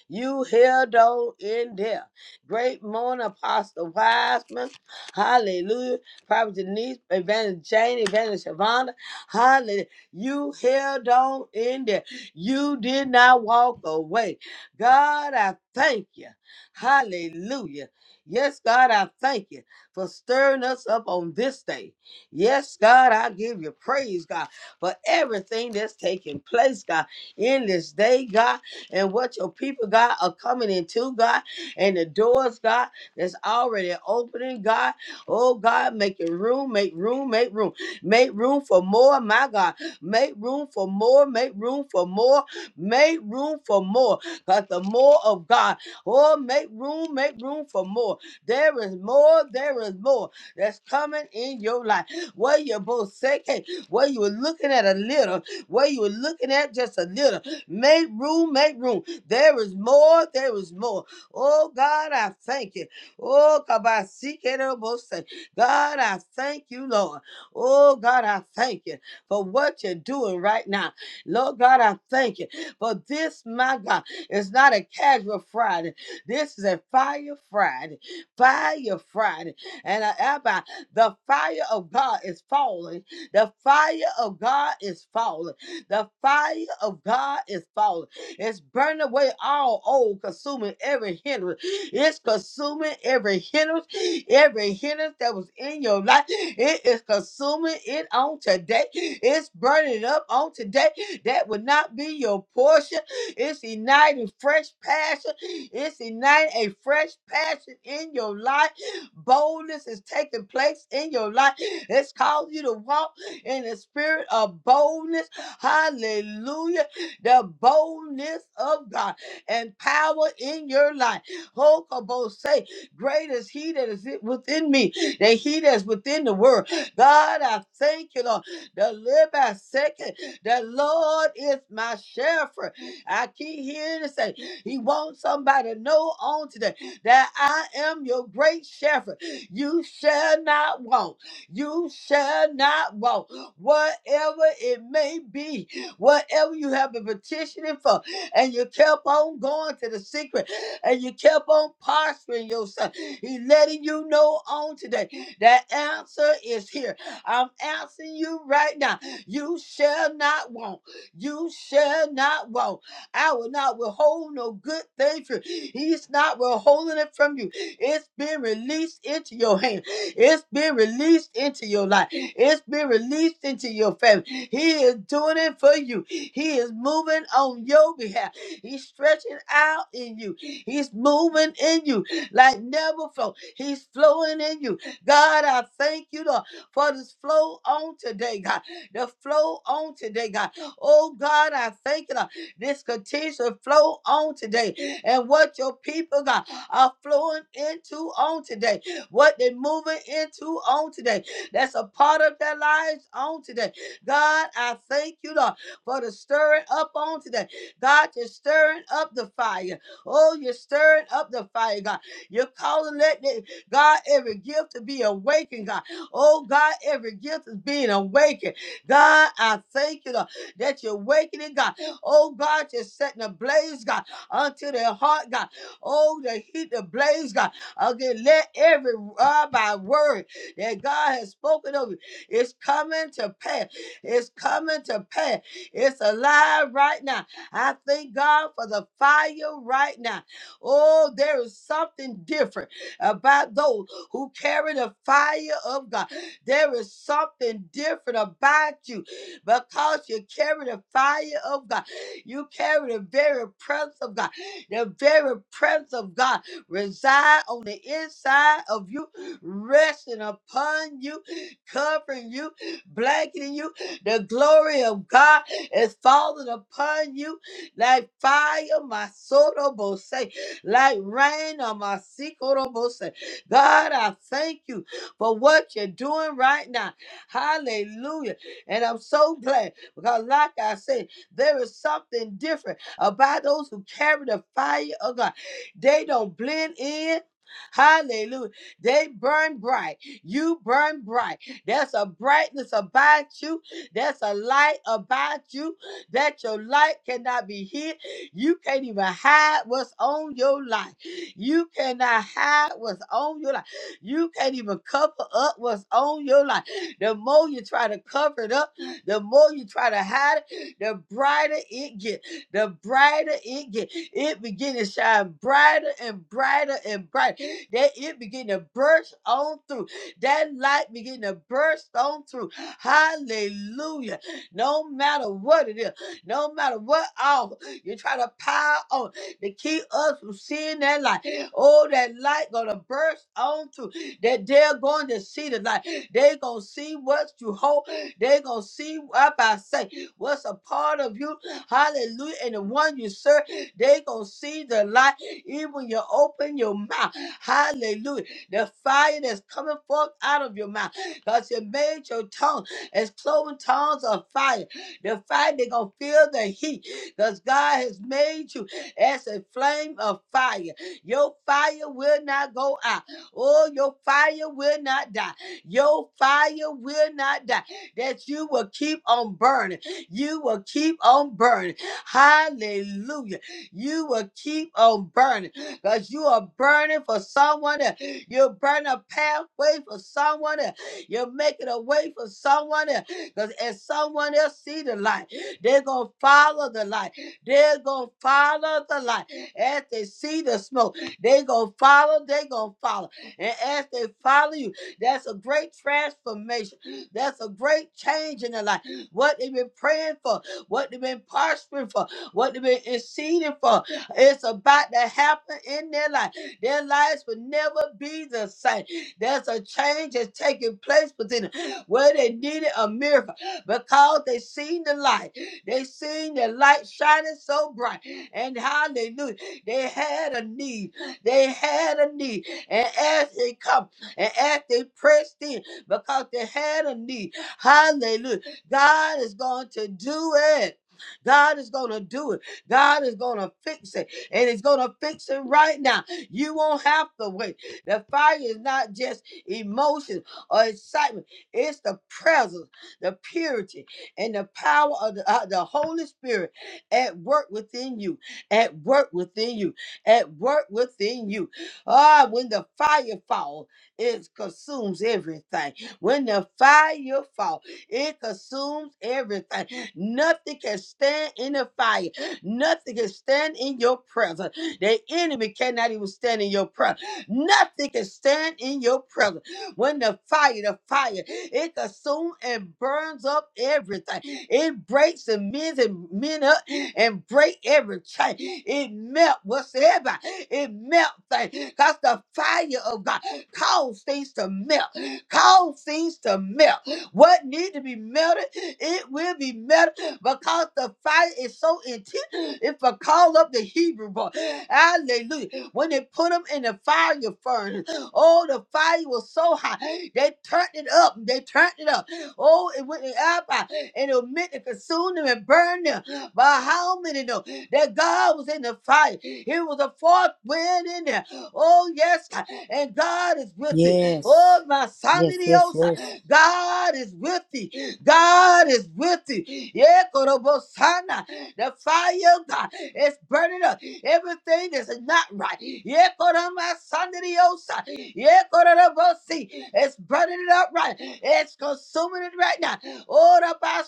Speaker 1: You held on in there. Great morning, Apostle Wiseman. Hallelujah. Prophet Denise, Evangelist Jane, Evangelist Shavonda. Hallelujah. You held on in there. You did not walk away. God, I thank you. Hallelujah. Yes, God, I thank you for stirring us up on this day. Yes, God, I give you praise, God for everything that's taking place, God, in this day, God, and what your people, God, are coming into, God, and the doors, God, that's already opening, God. Oh, God, make your room, make room, make room, make room for more, my God. Make room for more, make room for more, make room for more. but the more of God, oh, make room, make room for more. There is more, there is more that's coming in your life. What you both say? where you were looking at a little, where you were looking at just a little. Make room, make room. There is more, there is more. Oh God, I thank you. Oh Kabasikerobose. God, I thank you, Lord. Oh God, I thank you for what you're doing right now. Lord God, I thank you for this, my God. It's not a casual Friday. This is a fire Friday. Fire Friday. And I, Abba, the fire of God is falling the fire of God is falling. The fire of God is falling. It's burning away all old, consuming every hindrance. It's consuming every hindrance, every hindrance that was in your life. It is consuming it on today. It's burning up on today. That would not be your portion. It's igniting fresh passion. It's igniting a fresh passion in your life. Boldness is taking place in your life. It's causing you to walk in the spirit of boldness. Hallelujah. The boldness of God and power in your life. Hokobo say, Great is he that is i- within me than he that's within the world. God, I thank you, Lord. The live by second. The Lord is my shepherd. I keep hearing it say, He wants somebody to know on today that I am your great shepherd. You shall not want. You shall not want whatever it may be, whatever you have been petitioning for, and you kept on going to the secret, and you kept on posturing yourself. He's letting you know on today that answer is here. I'm answering you right now. You shall not want. You shall not want. I will not withhold no good thing from you. He's not withholding it from you. It's been released into your hand. It's been released into your life. It's been released into your family. He is doing it for you. He is moving on your behalf. He's stretching out in you. He's moving in you like never before. He's flowing in you. God, I thank you Lord, for this flow on today, God. The flow on today, God. Oh, God, I thank you. Lord. This continues to flow on today. And what your people, God, are flowing into on today. What they're moving into on today. That's a part of their lives on today. God, I thank you, Lord, for the stirring up on today. God, you're stirring up the fire. Oh, you're stirring up the fire, God. You're calling that, that- God, every gift to be awakened, God. Oh, God, every gift is being awakened. God, I thank you, Lord, that you're awakening, God. Oh God, you're setting a blaze, God, unto their heart, God. Oh, the heat, the blaze, God. Again, let every uh, by word that God has spoken of you, it's coming to pass. It's coming to pass. It's alive right now. I thank God for the fire right now. Oh, there is something different about those who carry the fire of God. There is something different about you because you carry the fire of God. You carry the very presence of God. The very presence of God reside on the inside of you, resting upon you, covering you, blanketing you. The glory of God is falling upon you like fire, my soul almost say, like rain on my seat. almost say. God, I thank you for what you're doing right now. Hallelujah. And I'm so glad because, like I said. There is something different about those who carry the fire of God. They don't blend in. Hallelujah. They burn bright. You burn bright. There's a brightness about you. There's a light about you that your light cannot be hid. You can't even hide what's on your life. You cannot hide what's on your life. You can't even cover up what's on your life. The more you try to cover it up, the more you try to hide it the brighter it get, the brighter it get. It begin to shine brighter and brighter and brighter. That it begin to burst on through. That light begin to burst on through. Hallelujah. No matter what it is, no matter what hour you try to pile on to keep us from seeing that light. Oh, that light gonna burst on through. That they're going to see the light. They gonna see what you hold. They gonna see what I say what's a part of you. Hallelujah. And the one you serve, they gonna see the light even when you open your mouth. Hallelujah. The fire that's coming forth out of your mouth. Because you made your tongue as cloven tongues of fire. The fire, they gonna feel the heat. Because God has made you as a flame of fire. Your fire will not go out. Oh, your fire will not die. Your fire will not die. That you will keep on burning you will keep on burning. Hallelujah. You will keep on burning because you are burning for someone. else. You're burning a pathway for someone. else. You're making a way for someone else because as someone else see the light, they're going to follow the light. They're going to follow the light. As they see the smoke, they're going to follow. They're going to follow. And as they follow you, that's a great transformation. That's a great change in their life what they've been praying for, what they've been prospering for, what they've been interceding for. It's about to happen in their life. Their lives will never be the same. There's a change that's taking place within them where they needed a miracle because they seen the light. They seen the light shining so bright. And hallelujah, they had a need. They had a need. And as they come and as they pressed in because they had a need, hallelujah. God is going to do it. God is going to do it. God is going to fix it. And it's going to fix it right now. You won't have to wait. The fire is not just emotion or excitement, it's the presence, the purity, and the power of the, uh, the Holy Spirit at work within you, at work within you, at work within you. Ah, when the fire falls, it consumes everything. When the fire falls, it consumes everything. Nothing can stand in the fire. Nothing can stand in your presence. The enemy cannot even stand in your presence. Nothing can stand in your presence. When the fire, the fire, it consumes and burns up everything. It breaks and mends and men up and break every chain. It melt whatsoever. It melt things. Cause the fire of God cause things to melt. Cause things to melt. What need to be melted, it will be melted because the fire is so intense. If I call up the Hebrew boy, hallelujah. When they put them in the fire furnace, oh, the fire was so hot. They turned it up. They turned it up. Oh, it went up and it meant to consume them and burn them. But how many know that God was in the fire? It was a fourth wind in there. Oh, yes, God. and God is with it. Oh,
Speaker 2: Yes.
Speaker 1: my
Speaker 2: Yes, yes,
Speaker 1: son,
Speaker 2: yes.
Speaker 1: God is with thee. God is with thee. Yeah, Korobosana. The fire of God is burning up everything that's not right. Yeah, Koromasanderiosa. Yeah, Korobosi. It's burning it up right. It's consuming it right now. All about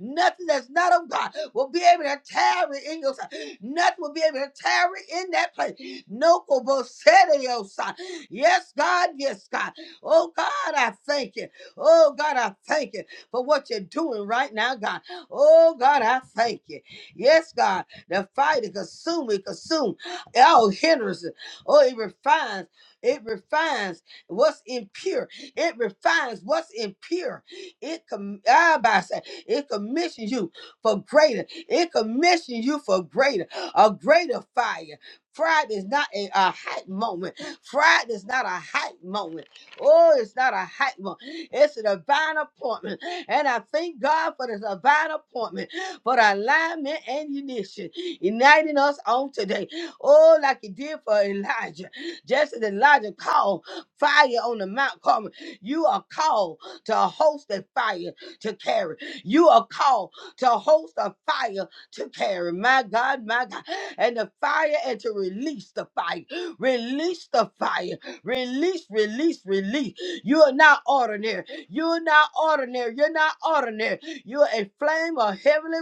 Speaker 1: Nothing that's not of God will be able to tarry in your side. Nothing will be able to tarry in that place. No Kobosanderiosa. Yes, God. Yes, God. Oh God, I thank you. Oh God, I thank you for what you're doing right now, God. Oh God, I thank you. Yes, God, the fire to consume, it consume all hindrances. Oh, it refines. It refines what's impure. It refines what's impure. It com- ah, by say, it commissions you for greater. It commissions you for greater, a greater fire. Pride is not a, a hype moment. Pride is not a hype moment. Oh, it's not a hype one. It's a divine appointment. And I thank God for this divine appointment, for the alignment and unition, uniting us on today. Oh, like he did for Elijah. Just as Elijah called fire on the Mount Carmel, you are called to host a fire to carry. You are called to host a fire to carry. My God, my God. And the fire and to release the fire. Release the fire Release, release, release. You are not ordinary. You're not ordinary. You're not ordinary. You're a flame of heavenly,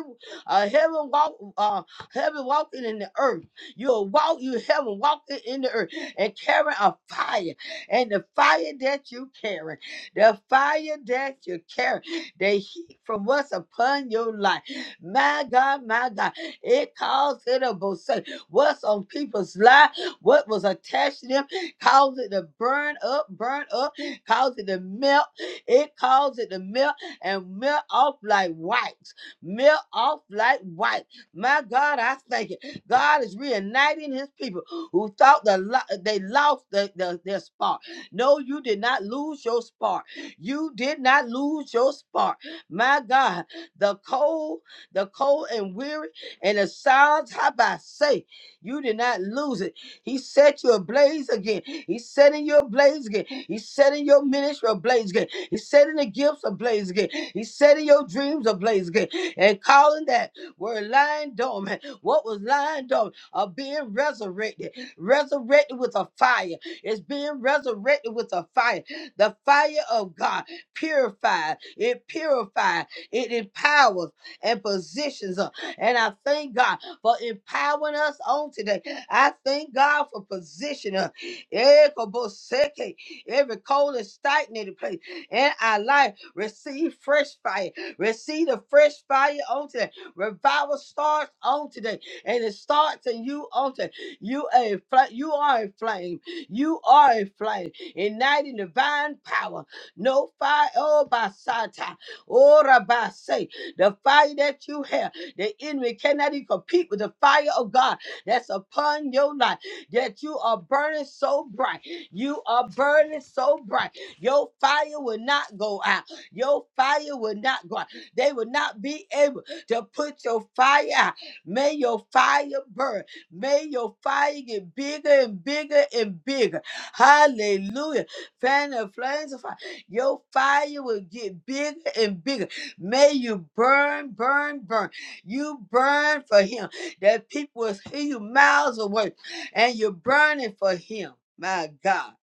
Speaker 1: a heaven walk, uh, heaven walking in the earth. You're walk, you heaven walking in the earth and carrying a fire. And the fire that you carry, the fire that you carry, the heat from what's upon your life. My God, my God, it calls it a say what's on people's life, what was attached to them cause it to burn up, burn up, cause it to melt. It caused it to melt and melt off like wax, melt off like wax. My God, I thank you. God is reuniting his people who thought the lo- they lost the, the, their spark. No, you did not lose your spark. You did not lose your spark. My God, the cold, the cold and weary, and the silence, how about say, you did not lose it. He set you ablaze again. He's setting you ablaze again. He's setting your ministry ablaze again. He's setting the gifts ablaze again. He's setting your dreams ablaze again. And calling that were lying dormant. What was lying dormant are being resurrected. Resurrected with a fire. It's being resurrected with a fire. The fire of God purified. It purifies. It empowers and positions us. And I thank God for empowering us on today. I thank God for position. uh, Ekoboseke, Every cold and stagnated place in our life, receive fresh fire. Receive the fresh fire on today. Revival starts on today, and it starts in you on today. You are a fl- you are a flame. You are a flame, igniting divine power. No fire, oh by Satan ora by say. The fire that you have, the enemy cannot even compete with the fire of God that's upon your life that you are burning so bright. You are burning so bright. Your fire will not go out. Your fire will not go out. They will not be able to put your fire out. May your fire burn. May your fire get bigger and bigger and bigger. Hallelujah. Fan the flames of fire. Your fire will get bigger and bigger. May you burn, burn, burn. You burn for him that people was hear you miles away and you're burning for him. My God.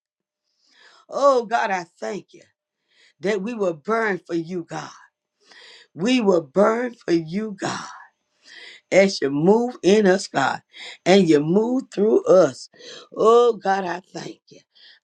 Speaker 1: Oh God, I thank you that we will burn for you, God. We will burn for you, God. as you move in us, God, and you move through us. Oh, God, I thank you.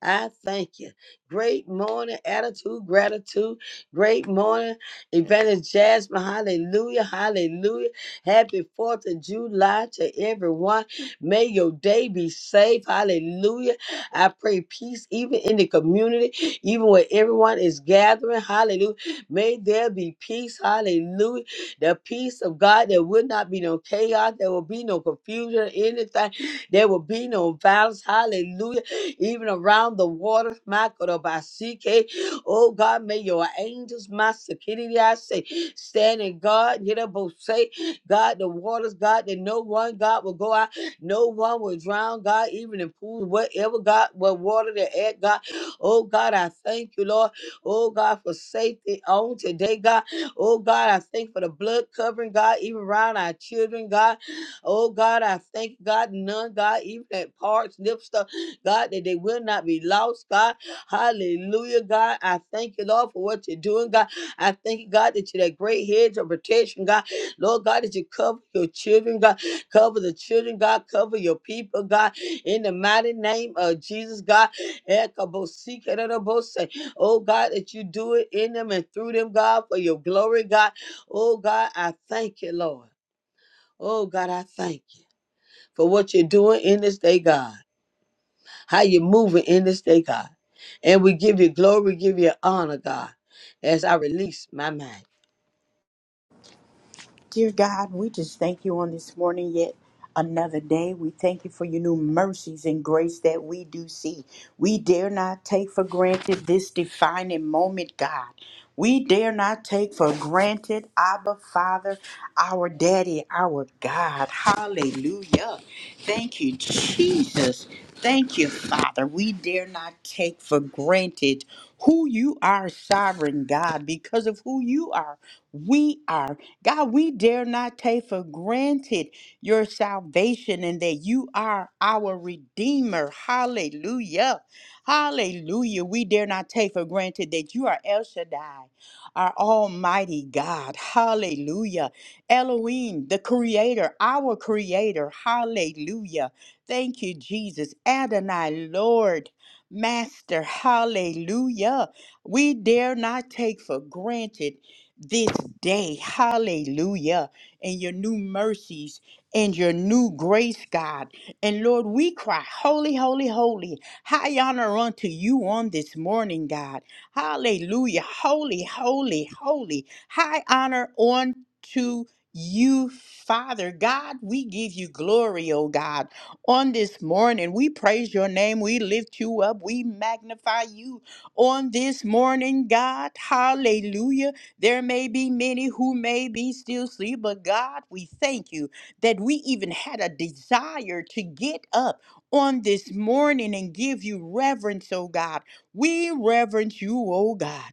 Speaker 1: I thank you. Great morning, attitude, gratitude. Great morning, Evangelist Jasmine. Hallelujah. Hallelujah. Happy 4th of July to everyone. May your day be safe. Hallelujah. I pray peace even in the community, even where everyone is gathering. Hallelujah. May there be peace. Hallelujah the peace of God. There will not be no chaos. There will be no confusion, or anything. There will be no violence. Hallelujah. Even around the waters, Michael Basike. Oh God, may your angels, my security, I say, stand in God. Get up, both say, God, the waters, God, that no one, God, will go out. No one will drown, God, even in pools, whatever, God, what water they're at, God. Oh God, I thank you, Lord. Oh God, for safety on today, God. Oh God, I thank for the blood covering, God, even around our children, God. Oh God, I thank God, none, God, even at parts, nip stuff, God, that they will not be lost, God. Hallelujah, God. I thank you, Lord, for what you're doing, God. I thank you, God, that you're that great hedge of protection, God. Lord God, that you cover your children, God. Cover the children, God. Cover your people, God. In the mighty name of Jesus, God. Ekabosikeredobose. Oh God, that you do it in them and through them, God, for your glory, God. Oh God, I thank you, Lord. Oh God, I thank you for what you're doing in this day, God. How you're moving in this day, God. And we give you glory, we give you honor, God, as I release my mind.
Speaker 2: Dear God, we just thank you on this morning yet another day. We thank you for your new mercies and grace that we do see. We dare not take for granted this defining moment, God. We dare not take for granted, Abba, Father, our Daddy, our God. Hallelujah. Thank you, Jesus. Thank you, Father. We dare not take for granted who you are, sovereign God, because of who you are. We are. God, we dare not take for granted your salvation and that you are our Redeemer. Hallelujah. Hallelujah. We dare not take for granted that you are El Shaddai, our Almighty God. Hallelujah. Elohim, the Creator, our Creator. Hallelujah. Thank you, Jesus. Adonai, Lord. Master, hallelujah. We dare not take for granted this day. Hallelujah. And your new mercies and your new grace, God. And Lord, we cry, Holy, holy, holy. High honor unto you on this morning, God. Hallelujah. Holy, holy, holy. High honor unto you, Father God. We give you glory, oh God. On this morning, we praise your name. We lift you up. We magnify you on this morning, God. Hallelujah. There may be many who may be still asleep, but God, we thank you that we even had a desire to get up on this morning and give you reverence, oh God. We reverence you, oh God.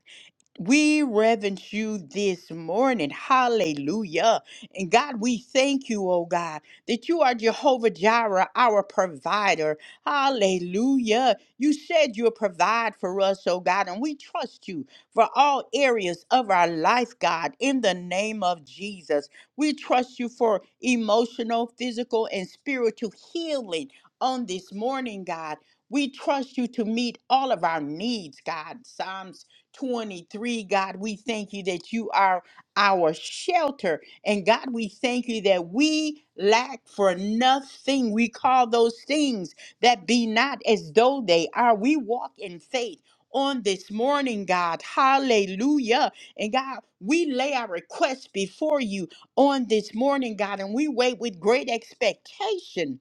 Speaker 2: We reverence you this morning. Hallelujah. And God, we thank you, oh God, that you are Jehovah Jireh, our provider. Hallelujah. You said you'll provide for us, oh God, and we trust you for all areas of our life, God, in the name of Jesus. We trust you for emotional, physical, and spiritual healing on this morning, God. We trust you to meet all of our needs, God. Psalms 23. God, we thank you that you are our shelter. And God, we thank you that we lack for nothing. We call those things that be not as though they are. We walk in faith. On this morning, God, hallelujah. And God, we lay our requests before you on this morning, God, and we wait with great expectation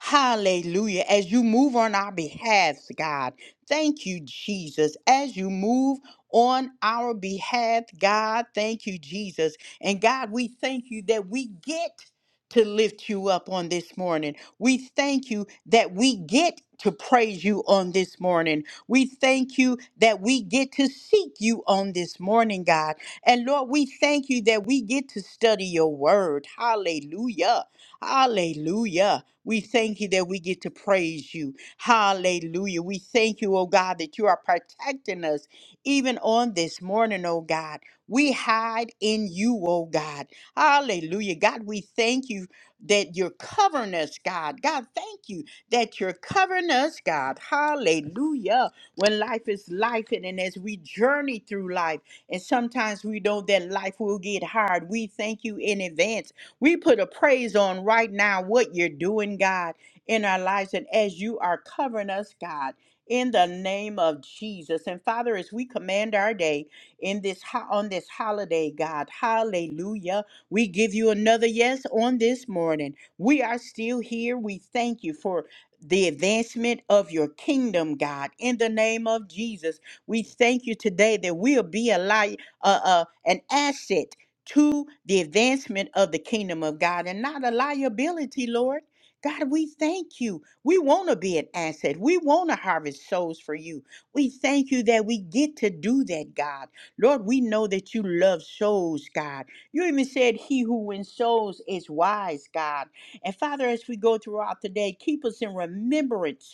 Speaker 2: Hallelujah. As you move on our behalf, God, thank you, Jesus. As you move on our behalf, God, thank you, Jesus. And God, we thank you that we get to lift you up on this morning. We thank you that we get to praise you on this morning. We thank you that we get to seek you on this morning, God. And Lord, we thank you that we get to study your word. Hallelujah. Hallelujah. We thank you that we get to praise you. Hallelujah. We thank you, oh God, that you are protecting us even on this morning, oh God. We hide in you, oh God. Hallelujah. God, we thank you that you're covering us, God. God, thank you that you're covering us, God. Hallelujah. When life is life, and, and as we journey through life, and sometimes we know that life will get hard, we thank you in advance we put a praise on right now what you're doing, God, in our lives and as you are covering us, God. In the name of Jesus. And Father, as we command our day in this ho- on this holiday, God, hallelujah. We give you another yes on this morning. We are still here. We thank you for the advancement of your kingdom, God. In the name of Jesus, we thank you today that we'll be a light, uh, uh, an asset to the advancement of the kingdom of God and not a liability, Lord. God, we thank you. We want to be an asset. We want to harvest souls for you. We thank you that we get to do that, God. Lord, we know that you love souls, God. You even said, He who wins souls is wise, God. And Father, as we go throughout the day, keep us in remembrance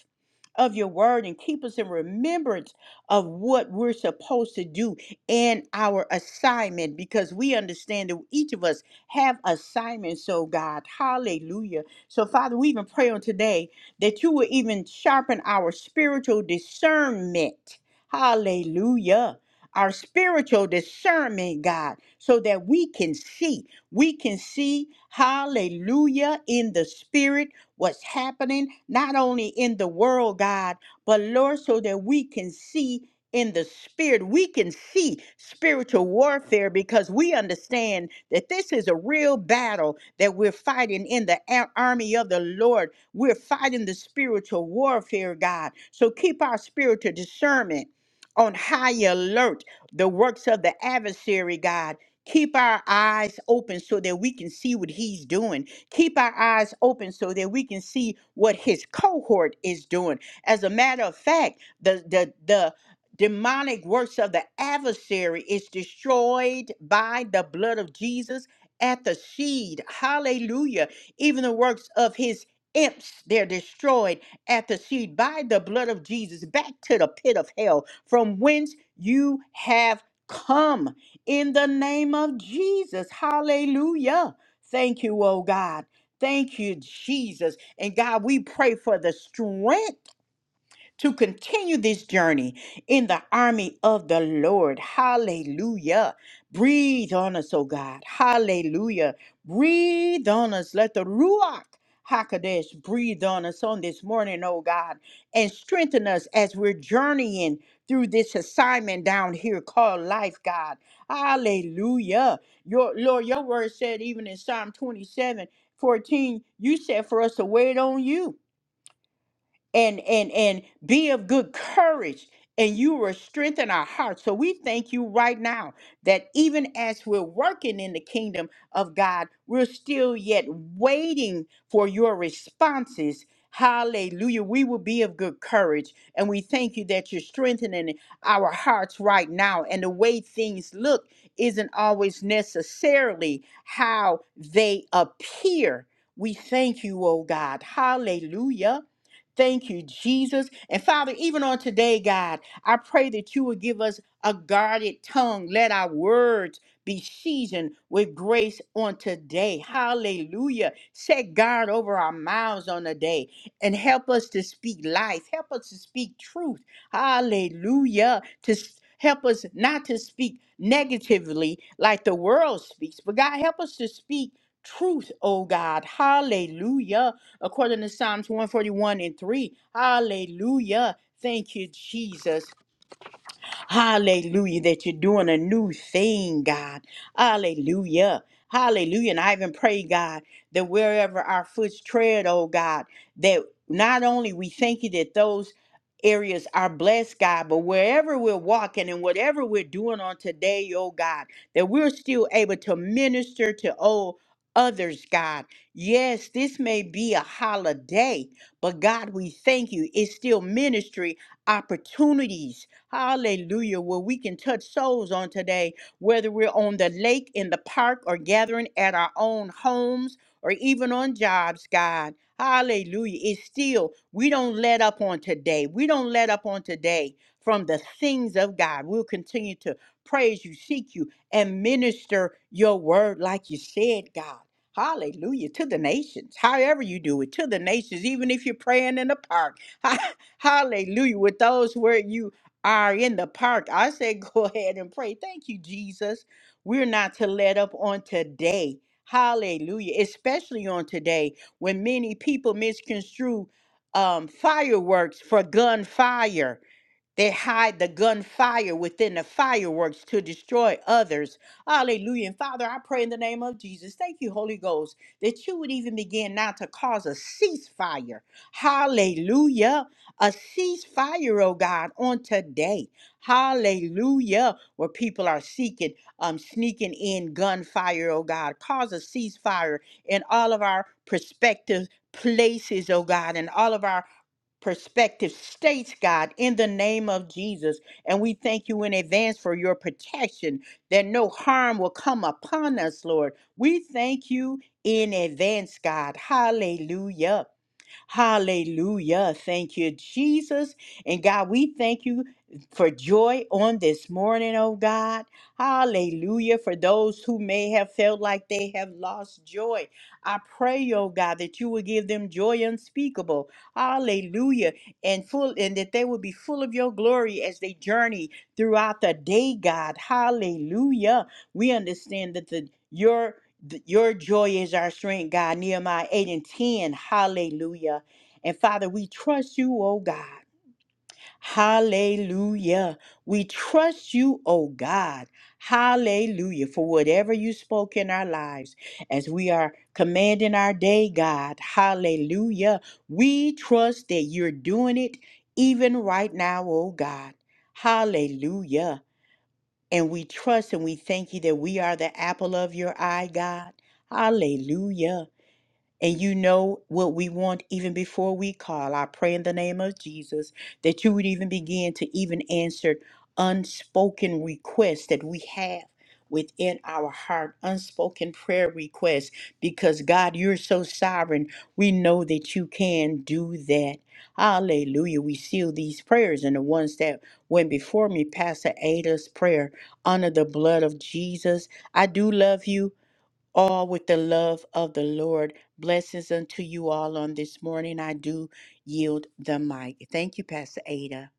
Speaker 2: of your word and keep us in remembrance of what we're supposed to do in our assignment because we understand that each of us have assignments, so God. Hallelujah. So, Father, we even pray on today that you will even sharpen our spiritual discernment. Hallelujah. Our spiritual discernment, God, so that we can see. We can see, hallelujah, in the spirit what's happening, not only in the world, God, but Lord, so that we can see in the spirit, we can see spiritual warfare because we understand that this is a real battle that we're fighting in the a- army of the Lord. We're fighting the spiritual warfare, God. So keep our spiritual discernment on high alert, the works of the adversary, God. Keep our eyes open so that we can see what he's doing Keep our eyes open so that we can see what his cohort is doing. As a matter of fact, the the the demonic works of the adversary is destroyed by the blood of Jesus at the seed. Hallelujah. Even the works of his imps, they're destroyed at the seed by the blood of Jesus back to the pit of hell from whence you have come in the name of Jesus. Hallelujah. Thank you, oh God. Thank you, Jesus. And God, we pray for the strength to continue this journey in the army of the Lord. Hallelujah. Breathe on us, oh God. Hallelujah. Breathe on us. Let the Ruach Hakadesh breathe on us on this morning, oh God, and strengthen us as we're journeying through this assignment down here called life, God. Hallelujah. Your Lord, your word said even in Psalm 27 14, you said for us to wait on you and and and be of good courage and you will strengthen our hearts so we thank you right now that even as we're working in the kingdom of god we're still yet waiting for your responses hallelujah we will be of good courage and we thank you that you're strengthening our hearts right now and the way things look isn't always necessarily how they appear we thank you oh god hallelujah Thank you, Jesus. And Father, even on today, God, I pray that you would give us a guarded tongue. Let our words be seasoned with grace on today. Hallelujah. Set guard over our mouths on the day and help us to speak life. Help us to speak truth. Hallelujah. To s- help us not to speak negatively like the world speaks, but God, help us to speak truth, oh God. Hallelujah according to Psalms 141 and 3. Hallelujah. Thank you, Jesus. Hallelujah, that you're doing a new thing, God. Hallelujah. Hallelujah. And I even pray, God, that wherever our foot's tread, oh God, that not only we thank you that those areas are blessed, God, but wherever we're walking and whatever we're doing on today, oh God, that we're still able to minister to oh others, God. Yes, this may be a holiday, but God, we thank you. It's still ministry opportunities Hallelujah. Where we can touch souls on today, whether we're on the lake, in the park, or gathering at our own homes, or even on jobs, God. Hallelujah. It's still, we don't let up on today. We don't let up on today from the things of God. We'll continue to praise you, seek you, and minister your word like you said, God. Hallelujah to the nations. However, you do it to the nations, even if you're praying in the park. [laughs] Hallelujah with those where you are in the park, I say [laughs] go ahead and pray. Thank you, Jesus. We're not to let up on today. Hallelujah. Especially on today when many people misconstrue um, fireworks for gunfire. They hide the gunfire within the fireworks to destroy others. Hallelujah. And Father, I pray in the name of Jesus. Thank you, Holy Ghost, that you would even begin now to cause a ceasefire. Hallelujah. A ceasefire, oh God, on today. Hallelujah. Where people are seeking, um, sneaking in gunfire, oh God. Cause a ceasefire in all of our prospective places, oh God, and all of our perspective states, God, in the name of Jesus. And we thank you in advance for your protection that no harm will come upon us, Lord. We thank you in advance, God. Hallelujah. Hallelujah. Thank you, Jesus. And God, we thank you for joy on this morning, oh God. Hallelujah. For those who may have felt like they have lost joy, I pray, oh God, that you will give them joy unspeakable. Hallelujah. And full and that they will be full of your glory as they journey throughout the day, God. Hallelujah. We understand that the your Th- Your joy is our strength, God. Nehemiah 8 and 10. Hallelujah. And Father, we trust you, oh God. Hallelujah. We trust you, oh God. Hallelujah. For whatever you spoke in our lives as we are commanding our day, God. Hallelujah. We trust that you're doing it even right now, oh God. Hallelujah. And we trust and we thank you that we are the apple of your eye, God. Hallelujah and you know what we want even before we call. I pray in the name of Jesus that you would even begin to even answer unspoken requests that we have within our heart, unspoken prayer requests, because God, you're so sovereign. We know that you can do that. Hallelujah. We seal these prayers and the ones that went before me, Pastor Ada's prayer, under the blood of Jesus. I do love you all with the love of the Lord. Blessings unto you all on this morning. I do yield the mic. Thank you, Pastor Ada.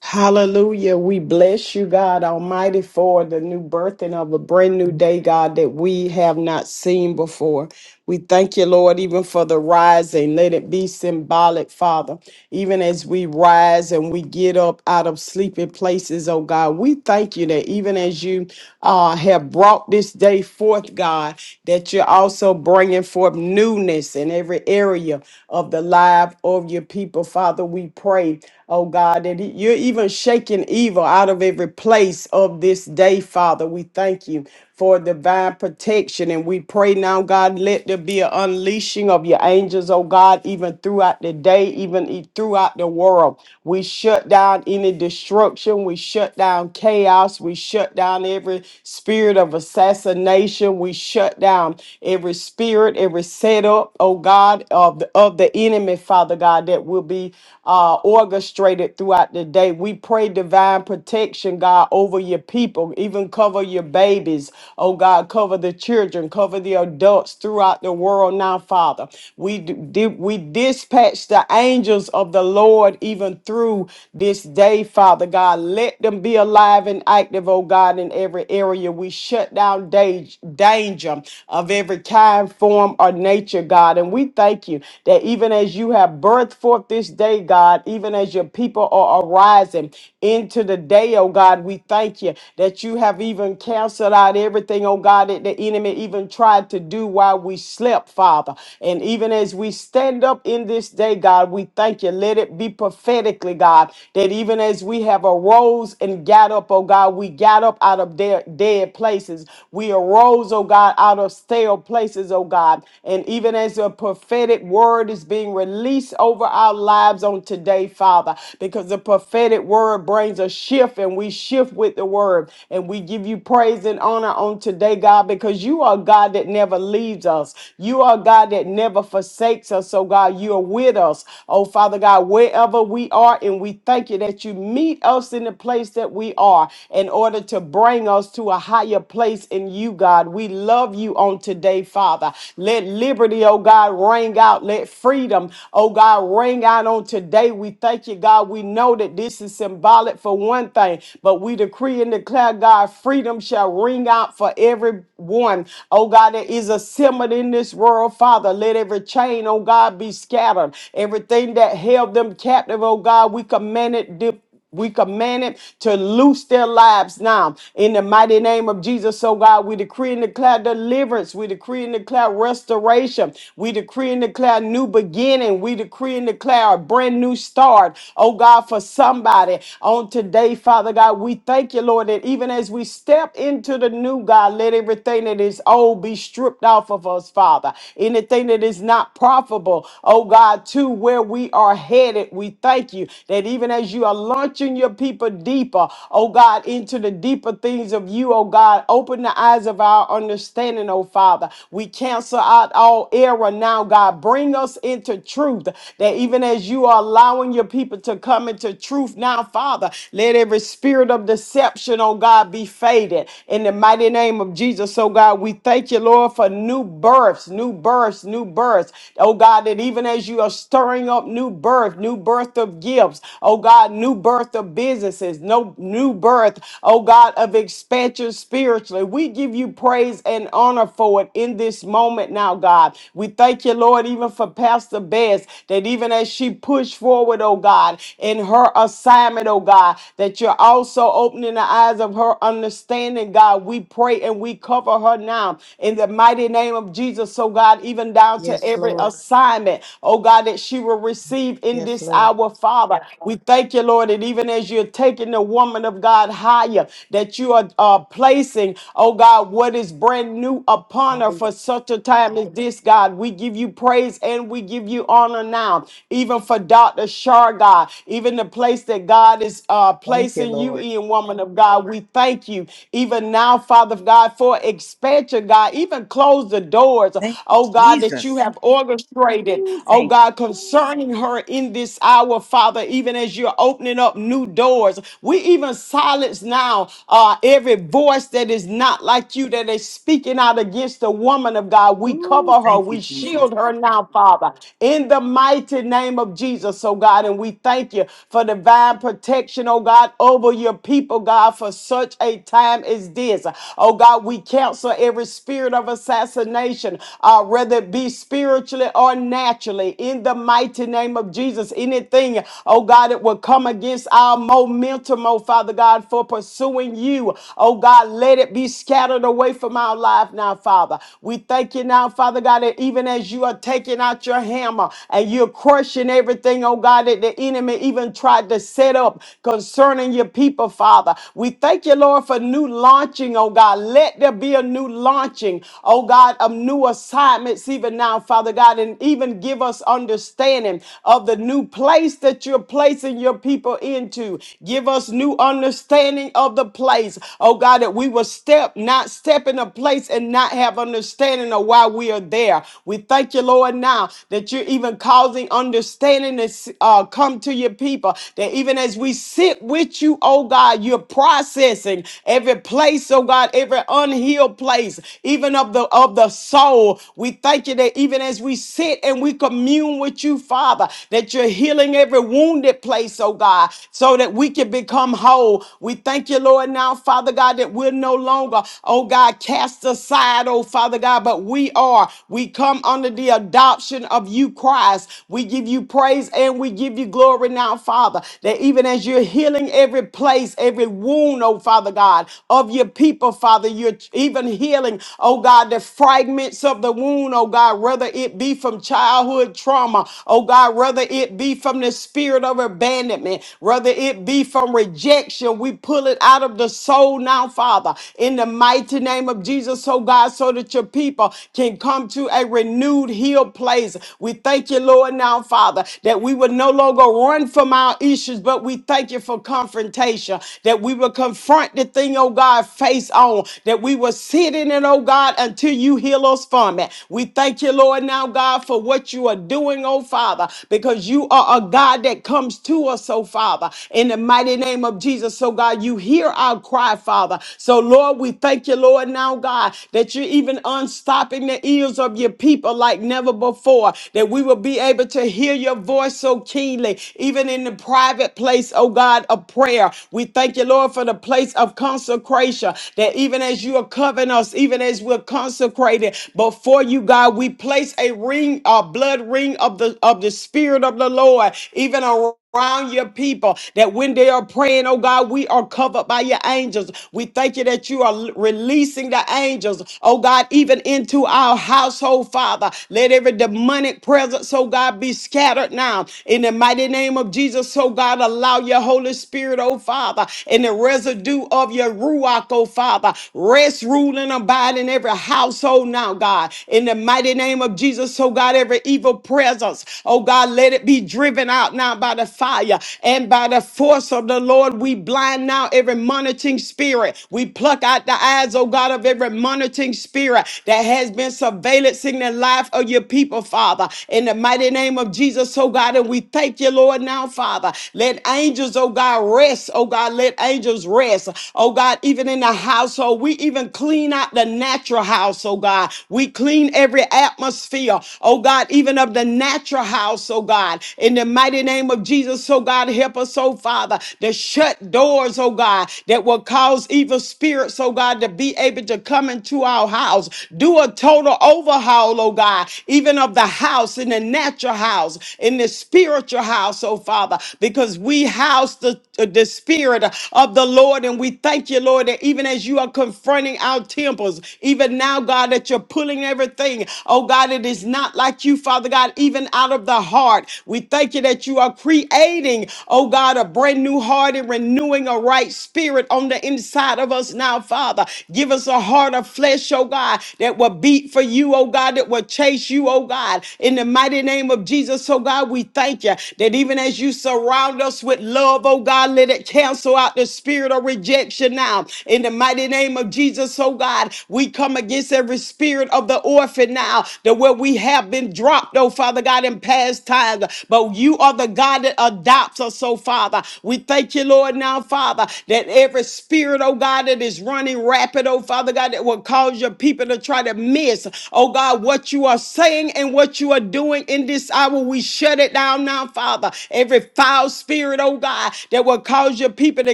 Speaker 3: Hallelujah. We bless you, God Almighty, for the new birthing of a brand new day, God, that we have not seen before. We thank you, Lord, even for the rising. Let it be symbolic, Father. Even as we rise and we get up out of sleeping places, oh God, we thank you that even as you uh, have brought this day forth, God, that you're also bringing forth newness in every area of the life of your people, Father. We pray oh God, that e- you're even shaking evil out of every place of this day, Father. We thank you for divine protection. And we pray now, God, let there be an unleashing of your angels, oh God, even throughout the day, even e- throughout the world. We shut down any destruction. We shut down chaos. We shut down every spirit of assassination. We shut down every spirit, every setup, oh God, of the, of the enemy, Father God, that will be uh, orchestrated throughout the day. We pray divine protection, God, over your people, even cover your babies. Oh, God, cover the children, cover the adults throughout the world now, Father. We, d- di- we dispatch the angels of the Lord even through this day, Father God. Let them be alive and active, oh God, in every area. We shut down da- danger of every kind, form, or nature, God. And we thank you that even as you have birthed forth forth this day, God, even as your people are arising into the day, oh God. We thank you that you have even canceled out everything, oh God, that the enemy even tried to do while we slept, Father. And even as we stand up in this day, God, we thank you. Let it be prophetically, God, that even as we have arose and got up, oh God, we got up out of dead, dead places. We arose, oh God, out of stale places, oh God. And even as a prophetic word is being released, release over our lives on today, Father, because the prophetic word brings a shift and we shift with the word. And we give you praise and honor on today, God, because you are God that never leaves us. You are God that never forsakes us. So, God, you are with us. Oh, Father God, wherever we are, and we thank you that you meet us in the place that we are in order to bring us to a higher place in you, God. We love you on today, Father. Let liberty, oh God, ring out. Let freedom freedom. Oh God, ring out on today. We thank you, God. We know that this is symbolic for one thing, but we decree and declare, God, freedom shall ring out for everyone. Oh God, there is a symbol in this world, Father. Let every chain, oh God, be scattered. Everything that held them captive, oh God, we command it. We command it to loose their lives now in the mighty name of Jesus. So, God, we decree and declare deliverance. We decree and declare restoration. We decree and declare new beginning. We decree and declare a brand new start. Oh, God, for somebody on today, Father God, we thank you, Lord, that even as we step into the new, God, let everything that is old be stripped off of us, Father. Anything that is not profitable, oh, God, to where we are headed, we thank you that even as you allow launching your people deeper, oh God, into the deeper things of you, oh God. Open the eyes of our understanding, oh Father. We cancel out all error now, God. Bring us into truth that even as you are allowing your people to come into truth now, Father, let every spirit of deception, oh God, be faded. In the mighty name of Jesus, oh God, we thank you, Lord, for new births, new births, new births. Oh God, that even as you are stirring up new birth, new birth of gifts, oh God. God, new birth of businesses, no new birth, oh God, of expansion spiritually. We give you praise and honor for it in this moment now, God. We thank you, Lord, even for Pastor Bess, that even as she pushed forward, oh God, in her assignment, oh God, that you're also opening the eyes of her understanding, God. We pray and we cover her now in the mighty name of Jesus, so God, even down to
Speaker 2: Yes,
Speaker 3: every
Speaker 2: Lord.
Speaker 3: assignment, oh God, that she will receive in
Speaker 2: Yes,
Speaker 3: this
Speaker 2: Lord.
Speaker 3: hour, Father. We. Thank you, Lord, that even as you're taking the woman of God higher, that you are uh, placing, oh God, what is brand new upon her
Speaker 2: Hiya.
Speaker 3: for such a time as this, God. We give you praise and we give you honor now, even for Dr. Shar, God, even the place that God is uh,
Speaker 2: Thank you,
Speaker 3: placing you
Speaker 2: Lord.
Speaker 3: in, woman of God. We thank you, even now, Father God, for expansion, God. Even close the doors,
Speaker 2: Thank you,
Speaker 3: oh God, that you
Speaker 2: Jesus.
Speaker 3: have orchestrated,
Speaker 2: Ooh,
Speaker 3: oh
Speaker 2: thank
Speaker 3: God, concerning her in this hour, Father. even even as you're opening up new doors. We even silence now uh, every voice that is not like you that is speaking out against the woman of God.
Speaker 2: you.
Speaker 3: We
Speaker 2: Ooh,
Speaker 3: cover her,
Speaker 2: thank you,
Speaker 3: we
Speaker 2: Jesus.
Speaker 3: shield her now, Father, in the mighty name of Jesus, oh God. And we thank you for divine protection, oh God, over your people, God, for such a time as this. Oh God, we counsel every spirit of assassination, uh, whether it be spiritually or naturally, in the mighty name of Jesus. Anything, oh oh God, it will come against our momentum, oh Father God, for pursuing you. Oh God, let it be scattered away from our life now, Father. We thank you now, Father God, that even as you are taking out your hammer and you're crushing everything, oh God, that the enemy even tried to set up concerning your people, Father. We thank you, Lord, for new launching, oh God. Let there be a new launching, oh God, of new assignments even now, Father God, and even give us understanding of the new place that that you're placing your people into. Give us new understanding of the place, oh God, that we will step, not step in a place and not have understanding of why we are there. We thank you, Lord, now that you're even causing understanding to uh, come to your people, that even as we sit with you, oh God, you're processing every place, oh God, every unhealed place, even of the of the soul. We thank you that even as we sit and we commune with you, Father, that you're healing every wounded place, oh God, so that we can become whole. We thank you, Lord, now, Father God, that we're no longer, oh God, cast aside, oh Father God, but we are. We come under the adoption of you, Christ. We give you praise and we give you glory now, Father, that even as you're healing every place, every wound, oh Father God, of your people, Father, you're even healing, oh God, the fragments of the wound, oh God, whether it be from childhood trauma, oh God, whether it be from from the spirit of abandonment, whether it be from rejection, we pull it out of the soul now, Father, in the mighty name of Jesus, so God, so that your people can come to a renewed, healed place. We thank you, Lord, now, Father, that we would no longer run from our issues, but we thank you for confrontation, that we will confront the thing, oh God, face on, that we will sit in it, oh God, until you heal us from it. We thank you, Lord, now, God, for what you are doing, oh Father, because you you are a God that comes to us, so Father, in the mighty name of Jesus. So, God, you hear our cry, Father. So, Lord, we thank you, Lord, now, God, that you're even unstopping the ears of your people like never before, that we will be able to hear your voice so keenly, even in the private place, oh God, of prayer. We thank you, Lord, for the place of consecration, that even as you are covering us, even as we're consecrated before you, God, we place a ring, a blood ring of the of the spirit of the Lord, even around your people, that when they are praying, oh God, we are covered by your angels. We thank you that you are releasing the angels, oh God, even into our household, Father. Let every demonic presence, oh God, be scattered now. In the mighty name of Jesus, oh God, allow your Holy Spirit, oh Father, and the residue of your Ruach, oh Father, rest, rule, and abide in every household now, God. In the mighty name of Jesus, oh God, every evil presence, oh God. God, let it be driven out now by the fire and by the force of the Lord. We blind now every monitoring spirit. We pluck out the eyes, oh God, of every monitoring spirit that has been surveillancing the life of your people, Father. In the mighty name of Jesus, oh God, and we thank you, Lord, now, Father. Let angels, oh God, rest. Oh God, let angels rest. Oh God, even in the household, we even clean out the natural house, oh God. We clean every atmosphere, oh God, even of the natural house house, oh God. In the mighty name of Jesus, oh God, help us, oh Father, to shut doors, oh God, that will cause evil spirits, oh God, to be able to come into our house. Do a total overhaul, oh God, even of the house, in the natural house, in the spiritual house, oh Father, because we house the, the spirit of the Lord and we thank you, Lord, that even as you are confronting our temples, even now, God, that you're pulling everything, oh God, it is not like you, Father God, even out of out of the heart. We thank you that you are creating, oh God, a brand new heart and renewing a right spirit on the inside of us now, Father. Give us a heart of flesh, oh God, that will beat for you, oh God, that will chase you, oh God. In the mighty name of Jesus, oh God, we thank you that even as you surround us with love, oh God, let it cancel out the spirit of rejection now. In the mighty name of Jesus, oh God, we come against every spirit of the orphan now, that where we have been dropped, oh Father God. God, in past times, but you are the God that adopts us, so Father. We thank you, Lord, now, Father, that every spirit, oh God, that is running rapid, oh Father God, that will cause your people to try to miss, oh God, what you are saying and what you are doing in this hour. We shut it down now, Father. Every foul spirit, oh God, that will cause your people to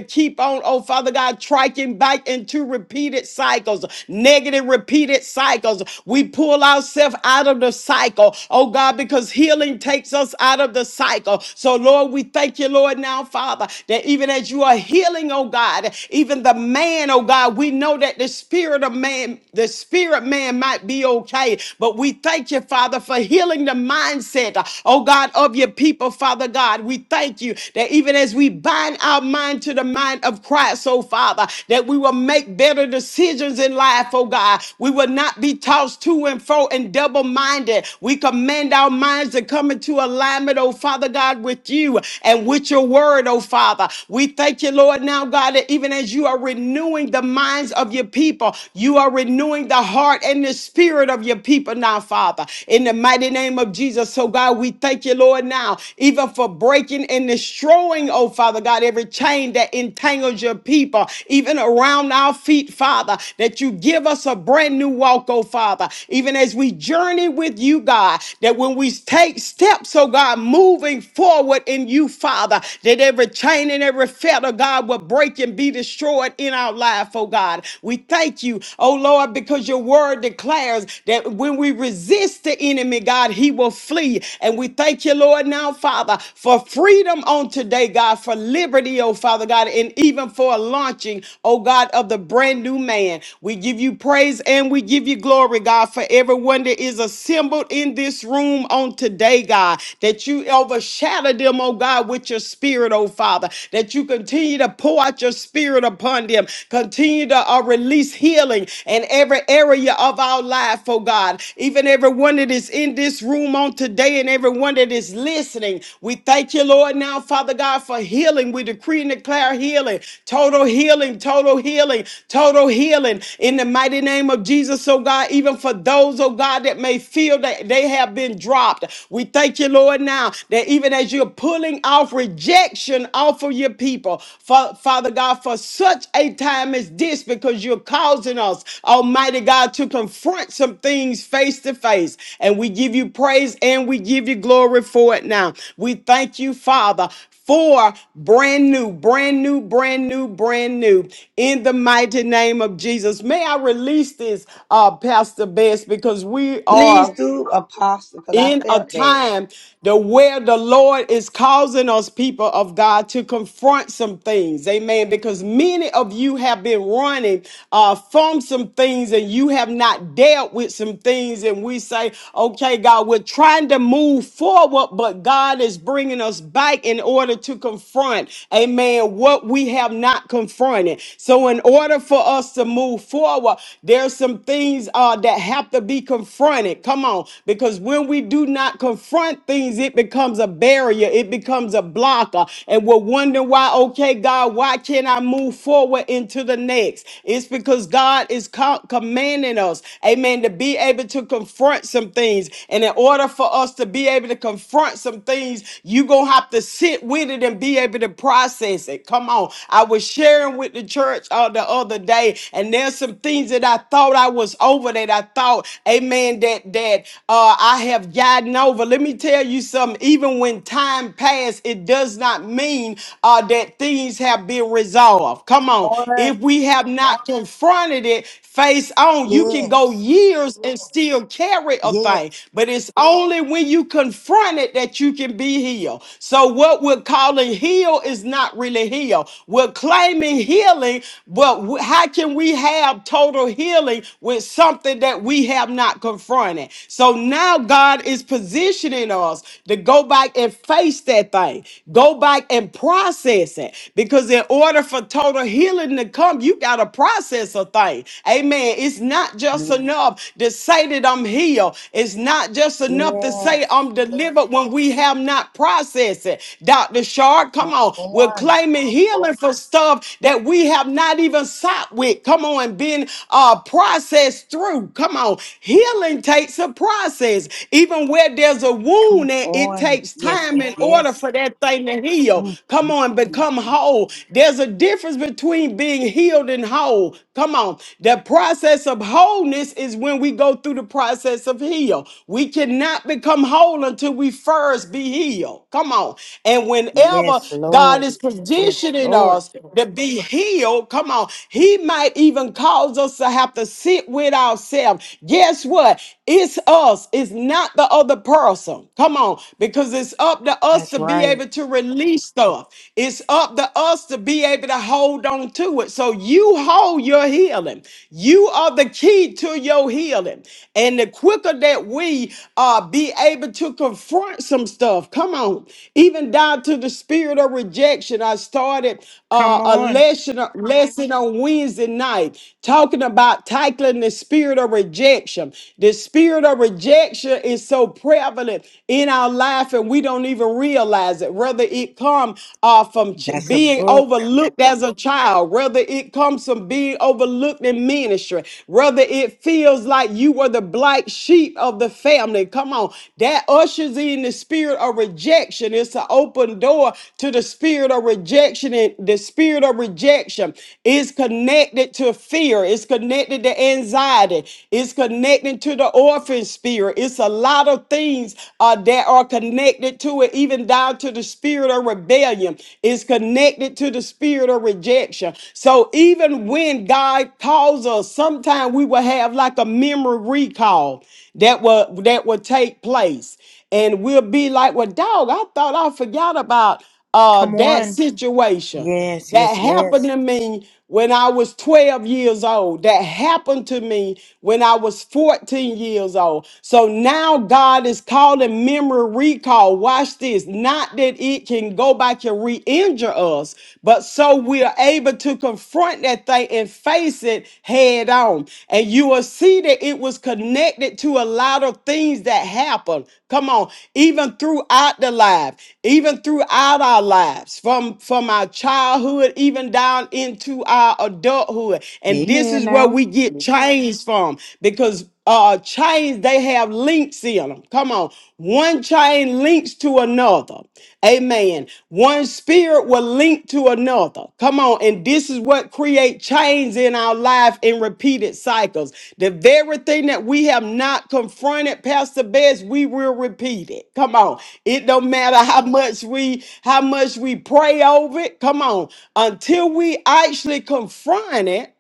Speaker 3: keep on, oh Father God, striking back into repeated cycles, negative repeated cycles. We pull ourselves out of the cycle, oh God, because because healing takes us out of the cycle. So, Lord, we thank you, Lord, now, Father, that even as you are healing, oh God, even the man, oh God, we know that the spirit of man, the spirit man might be okay, but we thank you, Father, for healing the mindset, oh God, of your people, Father God. We thank you that even as we bind our mind to the mind of Christ, oh Father, that we will make better decisions in life, oh God. We will not be tossed to and fro and double minded. We command command our minds to come into alignment, oh Father God, with you and with your word, oh Father. We thank you, Lord, now, God, that even as you are renewing the minds of your people, you are renewing the heart and the spirit of your people now, Father. In the mighty name of Jesus, so God, we thank you, Lord, now, even for breaking and destroying, oh Father God, every chain that entangles your people, even around our feet, Father, that you give us a brand new walk, oh Father, even as we journey with you, God, that when we take steps, oh God, moving forward in you, Father, that every chain and every fetter, God, will break and be destroyed in our life, oh God. We thank you, oh Lord, because your word declares that when we resist the enemy, God, he will flee. And we thank you, Lord, now, Father, for freedom on today, God, for liberty, oh Father God, and even for a launching, oh God, of the brand new man. We give you praise and we give you glory, God, for everyone that is assembled in this in this room on today, God, that you overshadow them, oh God, with your spirit, oh Father, that you continue to pour out your spirit upon them, continue to uh, release healing in every area of our life, oh God. Even everyone that is in this room on today and everyone that is listening, we thank you, Lord, now, Father God, for healing. We decree and declare healing, total healing, total healing, total healing in the mighty name of Jesus, oh God, even for those, oh God, that may feel that they, they have been dropped. We thank you, Lord, now that even as you're pulling off rejection off of your people, Fa- Father God, for such a time as this, because you're causing us, Almighty God, to confront some things face to face. And we give you praise and we give you glory for it now. We thank you, Father, for brand new, brand new, brand new, brand new. In the mighty name of Jesus. May I release this, uh, Pastor Best, because we
Speaker 1: Please
Speaker 3: are
Speaker 1: do, Apostle, because I
Speaker 3: in a
Speaker 1: felt that.
Speaker 3: time the where the Lord is causing us people of God to confront some things. Amen. Because many of you have been running uh, from some things and you have not dealt with some things. And we say, okay, God, we're trying to move forward, but God is bringing us back in order to confront, amen, what we have not confronted. So in order for us to move forward, there's some things uh, that have to be confronted. Come on. Because because when we do not confront things, it becomes a barrier, it becomes a blocker. And we're wondering why, okay, God, why can't I move forward into the next? It's because God is co- commanding us, amen, to be able to confront some things. And in order for us to be able to confront some things, you're going to have to sit with it and be able to process it. Come on. I was sharing with the church uh, the other day, and there's some things that I thought I was over that I thought, amen, that, that that uh, I have gotten over. Let me tell you something. Even when time passed, it does not mean uh, that things have been resolved. Come on.
Speaker 2: Morning.
Speaker 3: If we have not confronted it face on, you can go
Speaker 2: Yes.
Speaker 3: years and still carry a
Speaker 2: Yes.
Speaker 3: thing. But it's only when you confront it that you can be healed. So what we're calling heal is not really heal. We're claiming healing, but wh- how can we have total healing with something that we have not confronted? confronted. So now God is positioning us to go back and face that thing, go back and process it. Because in order for total healing to come, you got to process a thing. Amen. It's not just enough to say that I'm healed, it's not just enough to
Speaker 2: Yes.
Speaker 3: say I'm delivered when we have not processed it. Dr. Shark, come
Speaker 2: Come
Speaker 3: on. We're
Speaker 2: on.
Speaker 3: claiming healing for stuff that we have not even sought with. Come on, and been uh, processed through. Come on. Healing takes a process. Even where there's a wound,
Speaker 2: Come
Speaker 3: at, it
Speaker 2: on.
Speaker 3: takes
Speaker 2: Yes,
Speaker 3: time
Speaker 2: yes,
Speaker 3: in order for
Speaker 2: yes.
Speaker 3: that thing to heal.
Speaker 2: Mm,
Speaker 3: Come
Speaker 2: mm,
Speaker 3: on,
Speaker 2: mm.
Speaker 3: become whole. There's a difference between being healed and whole. Come on. The process of wholeness is when we go through the process of heal. We cannot become whole until we first be healed. Come on. And whenever
Speaker 2: Yes,
Speaker 3: God
Speaker 2: Lord.
Speaker 3: is
Speaker 2: Yes,
Speaker 3: positioning
Speaker 2: Lord.
Speaker 3: us to be healed, come on, He might even cause us to have to sit with ourselves. Guess what? It's us. It's not the other person. Come on, because it's up to us
Speaker 2: That's
Speaker 3: to be
Speaker 2: right.
Speaker 3: able to release stuff. It's up to us to be able to hold on to it. So you hold your healing. You are the key to your healing. And the quicker that we uh, be able to confront some stuff, come on, even down to the spirit of rejection. I started uh,
Speaker 2: Come
Speaker 3: a
Speaker 2: on.
Speaker 3: lesson, lesson on Wednesday night talking about tackling the spirit spirit of rejection. The spirit of rejection is so prevalent in our life, and we don't even realize it. Whether it come uh, from ch-
Speaker 2: That's a
Speaker 3: being
Speaker 2: book.
Speaker 3: overlooked as a child, whether it comes from being overlooked in ministry, whether it feels like you were the black sheep of the family. Come on, that ushers in the spirit of rejection. It's an open door to the spirit of rejection, and the spirit of rejection is connected to fear. It's connected to anxiety. It's connecting to the orphan spirit. It's a lot of things uh, that are connected to it, even down to the spirit of rebellion. It's connected to the spirit of rejection. So even when God calls us, sometimes we will have like a memory recall that will that will take place. And we'll be like, well, dog, I thought I forgot about uh
Speaker 2: Come
Speaker 3: that Mhm.
Speaker 2: on.
Speaker 3: situation.
Speaker 2: Yes,
Speaker 3: That
Speaker 2: yes,
Speaker 3: happened
Speaker 2: yes.
Speaker 3: to me when I was 12 years old. That happened to me when I was 14 years old. So now God is calling memory recall. Watch this. Not that it can go back and re injure us, but so we are able to confront that thing and face it head on. And you will see that it it was connected to a lot of things that happened. Come on, even throughout the life, even throughout our lives, from from our childhood, even down into our adulthood. And this is
Speaker 2: Amen
Speaker 3: where
Speaker 2: now.
Speaker 3: we get changed from, because uh chains they have links in them come on one chain links to another amen one spirit will link to another come on and this is what create chains in our life in repeated cycles the very thing that we have not confronted pastor best we will repeat it come on it don't matter how much we how much we pray over it come on until we actually confront it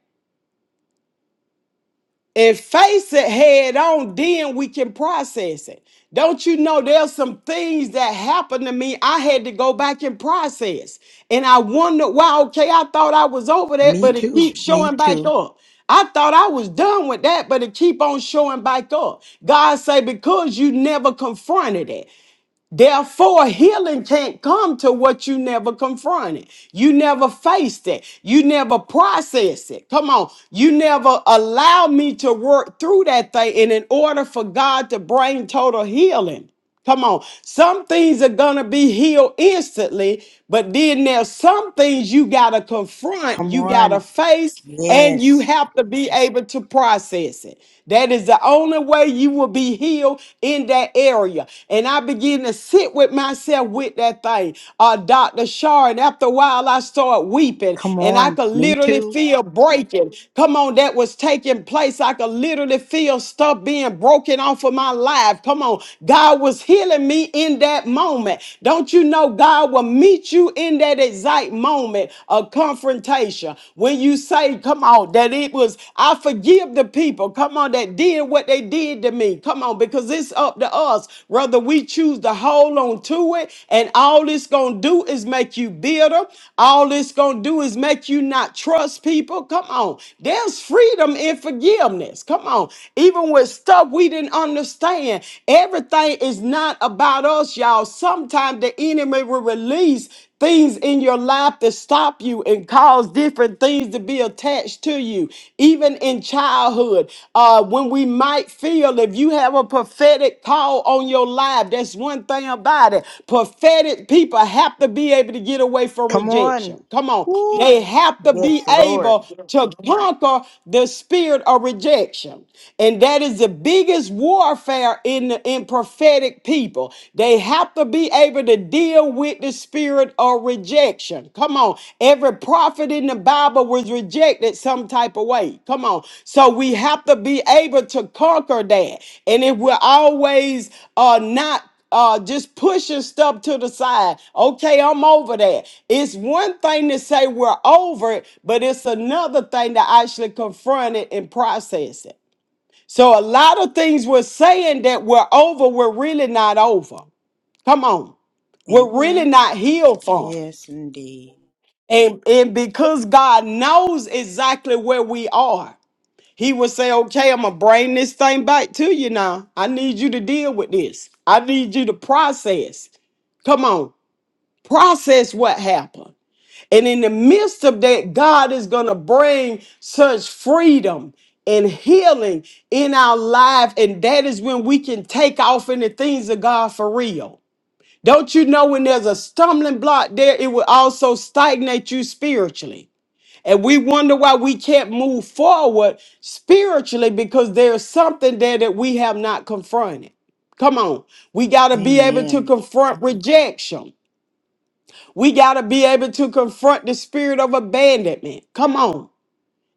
Speaker 3: and face it head on, then we can process it. Don't you know there's some things that happened to me I had to go back and process. And I wondered why, okay, I thought I was over that,
Speaker 2: Me
Speaker 3: but it
Speaker 2: too.
Speaker 3: keeps
Speaker 2: Me
Speaker 3: showing back
Speaker 2: too.
Speaker 3: up. I thought I was done with that, but it keep on showing back up. God say, because you never confronted it. Therefore, healing can't come to what you never confronted. You never faced it. You never processed it. Come on. You never allow me to work through that thing. And in order for God to bring total healing, Come on. Some things are going to be healed instantly, but then there's some things you got to confront,
Speaker 2: Come
Speaker 3: you got to
Speaker 2: on.
Speaker 3: face, and you
Speaker 2: Yes.
Speaker 3: have to be able to process it. That is the only way you will be healed in that area. And I begin to sit with myself with that thing. Uh, Dr. Sharon, after a while, I started weeping
Speaker 2: Come
Speaker 3: and I
Speaker 2: on.
Speaker 3: could
Speaker 2: Me
Speaker 3: literally
Speaker 2: too.
Speaker 3: feel breaking. Come on, that was taking place. I could literally feel stuff being broken off of my life. Come on, God was healing me in that moment. Don't you know God will meet you in that exact moment of confrontation. When you say, come on, that it was, I forgive the people, come on, that did what they did to me. Come on, because it's up to us whether we choose to hold on to it. And all it's going to do is make you bitter. All it's going to do is make you not trust people. Come on, there's freedom in forgiveness. Come on, even with stuff we didn't understand, everything is not about us, y'all. Sometimes the enemy will release things in your life that stop you and cause different things to be attached to you. Even in childhood, uh, when we might feel if you have a prophetic call on your life, that's one thing about it. Prophetic people have to be able to get away from
Speaker 2: Come on.
Speaker 3: rejection. Come on.
Speaker 2: Woo.
Speaker 3: They have to be
Speaker 2: Yes, Lord.
Speaker 3: able to conquer the spirit of rejection. And that is the biggest warfare in, in prophetic prophetic people, they have to be able to deal with the spirit of rejection. Come on. Every prophet in the Bible was rejected some type of way. Come on. So we have to be able to conquer that. And if we're always uh, not uh, just pushing stuff to the side. Okay, I'm over that. It's one thing to say we're over it, but it's another thing to actually confront it and process it. So a lot of things we're saying that we're over, we're really not over. Come on. We're really
Speaker 2: Amen.
Speaker 3: not healed from.
Speaker 2: Yes, indeed.
Speaker 3: And, and because God knows exactly where we are, He will say, Okay, I'm going to bring this thing back to you now. I need you to deal with this. I need you to process. Come on, process what happened. And in the midst of that, God is going to bring such freedom and healing in our life. And that is when we can take off in the things of God for real. Don't you know when there's a stumbling block there, it will also stagnate you spiritually. And we wonder why we can't move forward spiritually because there's something there that we have not confronted. Come on. We got to be able to
Speaker 2: Amen.
Speaker 3: confront rejection. We got to be able to confront the spirit of abandonment. Come on.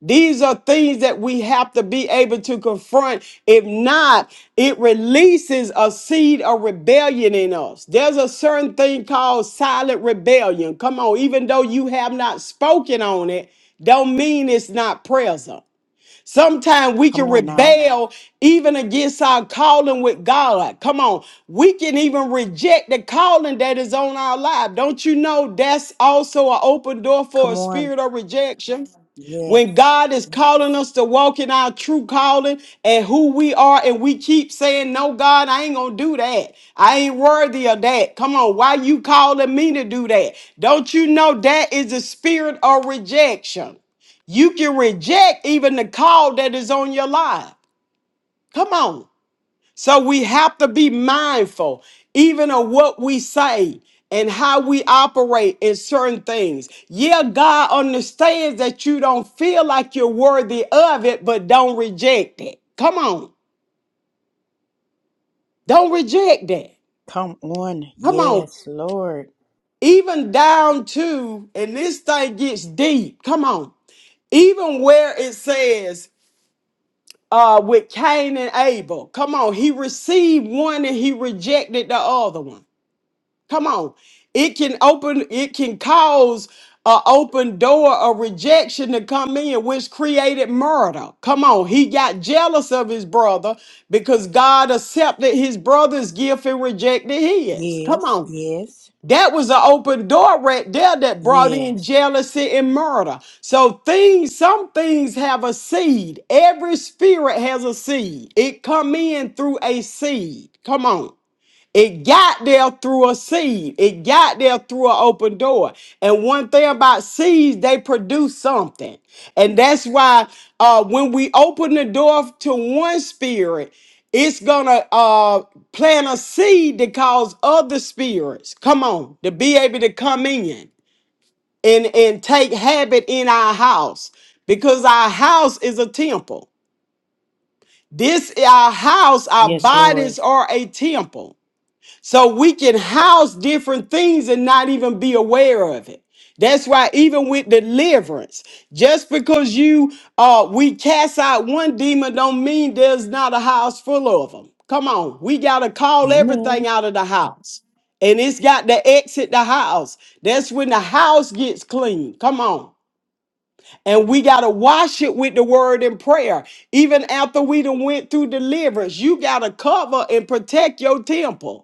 Speaker 3: These are things that we have to be able to confront. If not, it releases a seed of rebellion in us. There's a certain thing called silent rebellion. Come on, even though you have not spoken on it, don't mean it's not present. Sometimes we
Speaker 2: Come
Speaker 3: can
Speaker 2: on now.
Speaker 3: rebel even against our calling with God. Come on. We can even reject the calling that is on our life. Don't you know that's also an open door for a
Speaker 2: Come on.
Speaker 3: spirit of rejection? When
Speaker 2: Yes.
Speaker 3: God is calling us to walk in our true calling and who we are, and we keep saying, No, God, I ain't gonna do that. I ain't worthy of that. Come on, why you calling me to do that? Don't you know that is a spirit of rejection? You can reject even the call that is on your life. Come on. So we have to be mindful, even of what we say and how we operate in certain things. Yeah, God understands that you don't feel like you're worthy of it, but don't reject it. Come on. Don't reject that.
Speaker 2: Come on.
Speaker 3: Come on.
Speaker 2: Yes, Lord.
Speaker 3: Even down to, and this thing gets deep. Come on. Even where it says uh, with Cain and Abel. Come on, he received one and he rejected the other one. Come on, it can open, it can cause a open door of rejection to come in, which created murder. Come on, he got jealous of his brother because God accepted his brother's gift and rejected his. Come
Speaker 2: Yes,
Speaker 3: on.
Speaker 2: yes,
Speaker 3: That was an open door right there that brought in
Speaker 2: yes.
Speaker 3: jealousy and murder. So things, some things have a seed. Every spirit has a seed. It come in through a seed. Come on. It got there through a seed. It got there through an open door. And one thing about seeds, they produce something. And that's why uh, when we open the door to one spirit, it's gonna uh, plant a seed that cause other spirits, come on, to be able to come in and, and take habit in our house because our house is a temple. This our house, our
Speaker 2: Yes, Lord.
Speaker 3: bodies are a temple. So we can house different things and not even be aware of it. That's why even with deliverance, just because you uh we cast out one demon don't mean there's not a house full of them. Come on, we gotta call
Speaker 2: Amen.
Speaker 3: everything out of the house. And it's got to exit the house. That's when the house gets clean. Come on. And we gotta wash it with the word and prayer. Even after we done went through deliverance, you gotta cover and protect your temple.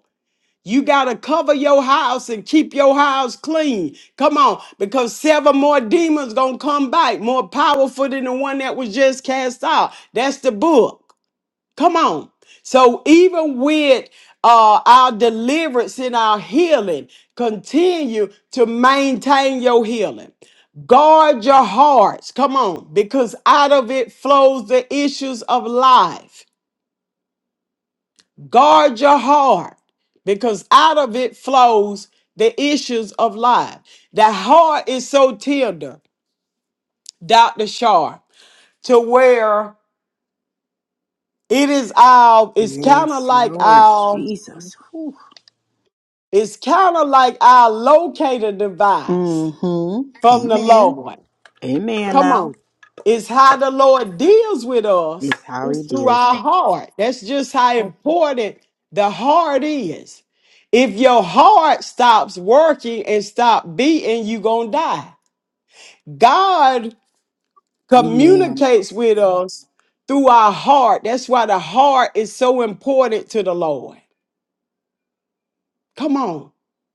Speaker 3: You got to cover your house and keep your house clean. Come on, because seven more demons going to come back more powerful than the one that was just cast out. That's the book. Come on. So even with uh, our deliverance and our healing, continue to maintain your healing. Guard your hearts. Come on, because out of it flows the issues of life. Guard your heart because out of it flows the issues of life. The heart is so tender, Dr. Sharp, to where it is our, it's kind of
Speaker 2: Yes,
Speaker 3: like
Speaker 2: Lord
Speaker 3: our,
Speaker 2: Jesus.
Speaker 3: it's kind of like our locator device
Speaker 2: Mm-hmm.
Speaker 3: from the
Speaker 2: Amen.
Speaker 3: Lord.
Speaker 2: Amen
Speaker 3: Come
Speaker 2: now.
Speaker 3: on. It's how the Lord deals with us.
Speaker 2: It's how he
Speaker 3: It's through
Speaker 2: deals
Speaker 3: our
Speaker 2: with.
Speaker 3: heart. That's just how
Speaker 2: it.
Speaker 3: important the heart is. If your heart stops working and stop beating, you gonna die. God
Speaker 2: Amen.
Speaker 3: communicates with us through our heart. That's why the heart is so important to the Lord. Come on.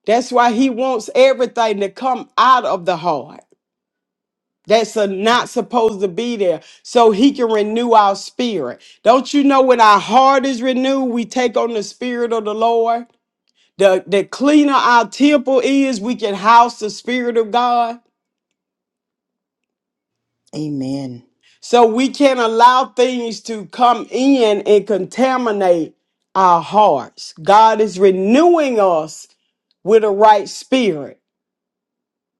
Speaker 3: That's why he wants everything to come out of the heart. that's uh not supposed to be there so he can renew our spirit don't you know when our heart is renewed we take on the spirit of the lord the, the cleaner our temple is we can house the spirit of god
Speaker 2: Amen.
Speaker 3: so we can't allow things to come in and contaminate our hearts god is renewing us with a right spirit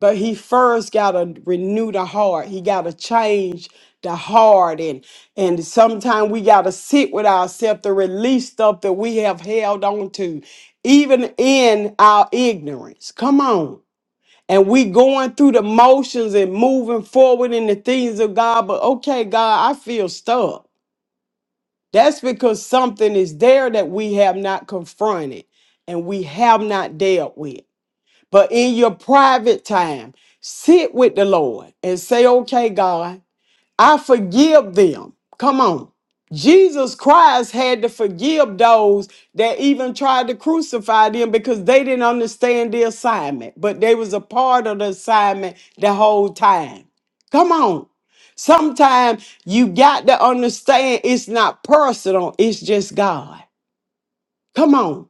Speaker 3: But he first got to renew the heart. He got to change the heart. And, and sometimes we got to sit with ourselves to release stuff that we have held on to, even in our ignorance. Come on. And we going through the motions and moving forward in the things of God. But okay, God, I feel stuck. That's because something is there that we have not confronted and we have not dealt with. But in your private time, sit with the Lord and say, okay, God, I forgive them. Come on. Jesus Christ had to forgive those that even tried to crucify them because they didn't understand the assignment, but they was a part of the assignment the whole time. Come on. Sometimes you got to understand it's not personal, it's just God. Come on.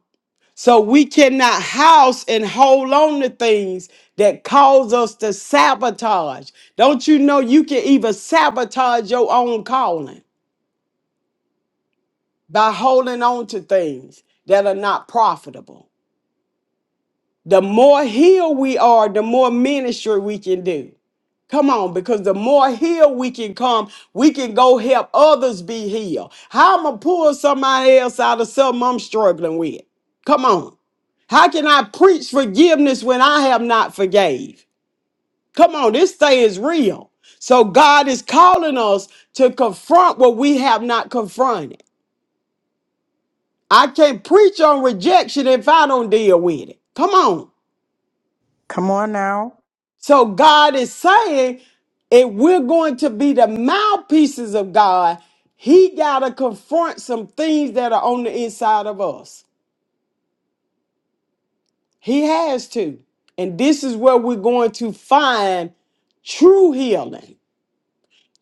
Speaker 3: So we cannot house and hold on to things that cause us to sabotage. Don't you know you can even sabotage your own calling by holding on to things that are not profitable? The more healed we are, the more ministry we can do. Come on, because the more healed we can come, we can go help others be healed. How am I pull somebody else out of something I'm struggling with? Come on. How can I preach forgiveness when I have not forgave? Come on, this thing is real. So God is calling us to confront what we have not confronted. I can't preach on rejection if I don't deal with it. Come on.
Speaker 2: Come on now.
Speaker 3: So God is saying if we're going to be the mouthpieces of God, He got to confront some things that are on the inside of us. He has to. And this is where we're going to find true healing.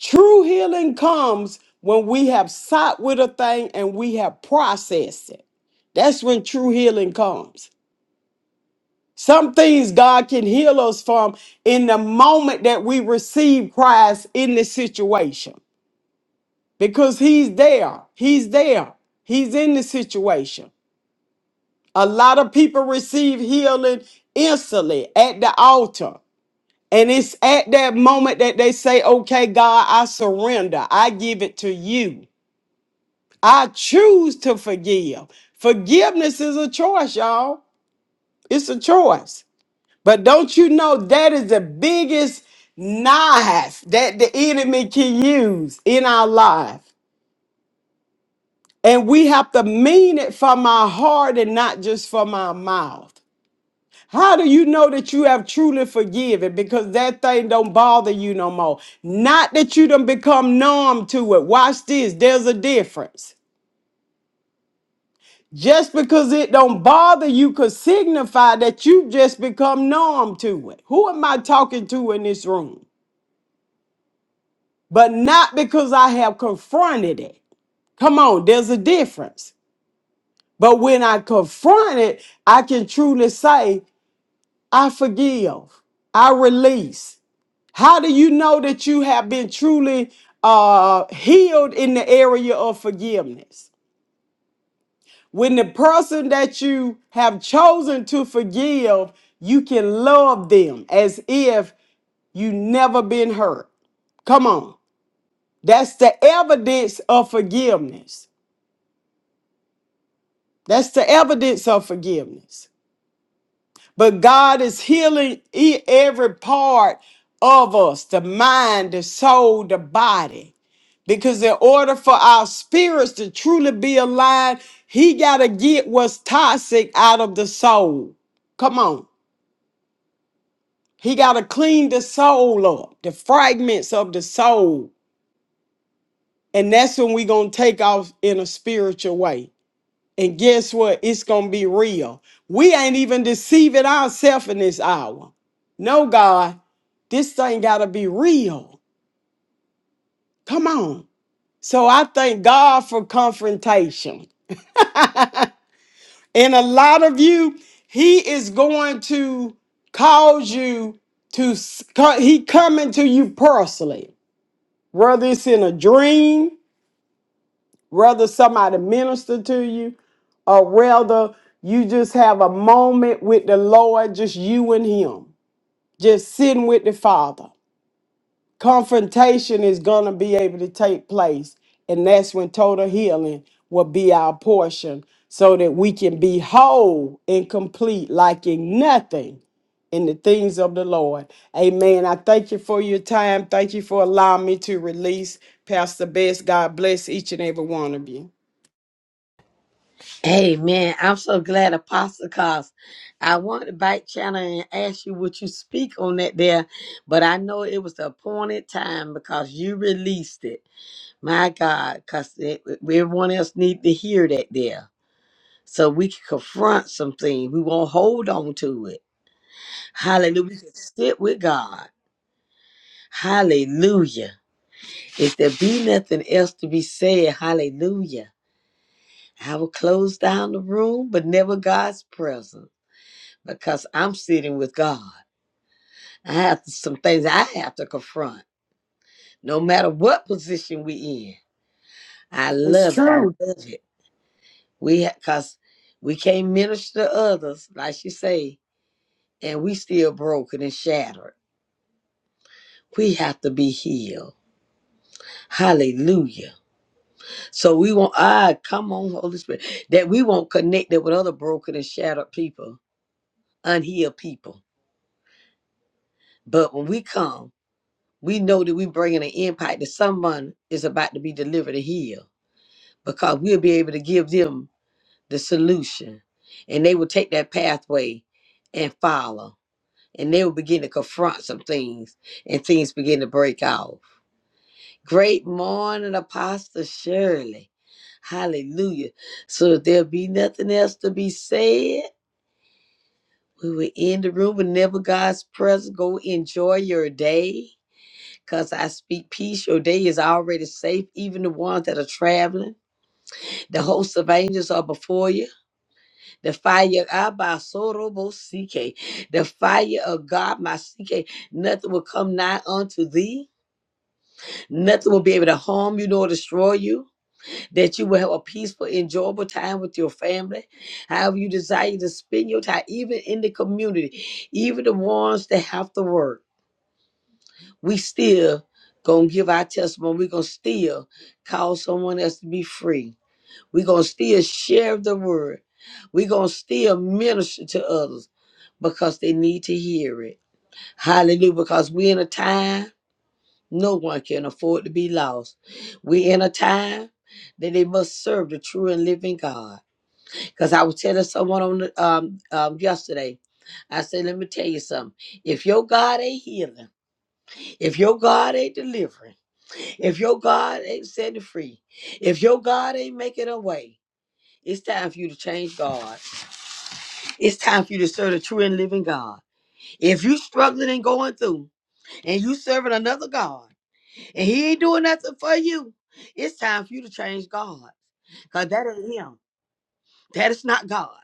Speaker 3: True healing comes when we have sat with a thing and we have processed it. That's when true healing comes. Some things God can heal us from in the moment that we receive Christ in the situation. because he's there. He's there. He's in the situation. A lot of people receive healing instantly at the altar. And it's at that moment that they say, okay, God, I surrender. I give it to you. I choose to forgive. Forgiveness is a choice, y'all. It's a choice. But don't you know that is the biggest knife that the enemy can use in our life? And we have to mean it from our heart and not just from our mouth. How do you know that you have truly forgiven? Because that thing don't bother you no more. Not that you done become numb to it. Watch this. There's a difference. Just because it don't bother you could signify that you just become numb to it. Who am I talking to in this room? But not because I have confronted it. Come on, there's a difference. But when I confront it, I can truly say I forgive. I release. How do you know that you have been truly uh, healed in the area of forgiveness? When the person that you have chosen to forgive, you can love them as if you never been hurt. Come on. That's the evidence of forgiveness. That's the evidence of forgiveness. But God is healing e- every part of us the mind, the soul, the body. Because in order for our spirits to truly be aligned, He got to get what's toxic out of the soul. Come on. He got to clean the soul up, the fragments of the soul. And that's when we're going to take off in a spiritual way. And guess what? It's going to be real. We ain't even deceiving ourselves in this hour. No, God, this thing got to be real. Come on. So I thank God for confrontation. And a lot of you, He is going to cause you to, s- co- He coming to you personally, whether it's in a dream, Rather, somebody minister to you or rather, you just have a moment with the Lord, just you and Him, just sitting with the Father. Confrontation is going to be able to take place, and that's when total healing will be our portion so that we can be whole and complete, lacking nothing in the things of the Lord. Amen. I thank you for your time. Thank you for allowing me to release Pastor Best. God bless each and every one of you.
Speaker 1: Amen. I'm so glad, Apostle, cause I wanted to bite channel and ask you would you speak on that there, but I know it was the appointed time because you released it. My God, because everyone else need to hear that there. So we can confront something. We won't hold on to it. Hallelujah. We can sit with God. Hallelujah. If there be nothing else to be said, hallelujah. I will close down the room, but never God's presence because I'm sitting with God. I have to- some things I have to confront no matter what position we in. I
Speaker 3: It's
Speaker 1: love it. I
Speaker 3: true.
Speaker 1: love it. We cause we can't minister to others, like she say, and we still broken and shattered. We have to be healed. Hallelujah. So we want ah, come on, Holy Spirit. That we won't connect it with other broken and shattered people, unhealed people. But when we come, we know that we bringing an impact that someone is about to be delivered and healed because we'll be able to give them the solution and they will take that pathway and follow. and they will begin to confront some things and things begin to break off. Great morning, Apostle Shirley. Hallelujah. So if there be nothing else to be said, we will end the room whenever God's presence. Go enjoy your day. Cause I speak peace. Your day is already safe, even the ones that are traveling. The hosts of angels are before you. The fire Abasorobo CK. The fire of God, my CK. Nothing will come nigh unto thee Nothing will be able to harm you nor destroy you. That you will have a peaceful, enjoyable time with your family. However, you desire to spend your time, even in the community, even the ones that have to work. We still gonna give our testimony. we gonna still call someone else to be free. we gonna still share the word. we gonna still minister to others because they need to hear it. Hallelujah. Because we're in a time no one can afford to be lost. we in a time that they must serve the true and living God. Because I was telling someone on the, um, um, yesterday, I said, let me tell you something. If your God ain't healing, if your God ain't delivering, if your God ain't setting free, if your God ain't making a way, it's time for you to change God. It's time for you to serve the true and living God. If you struggling and going through and you serving another God, and he ain't doing nothing for you. It's time for you to change God, cause that ain't him. That is not God.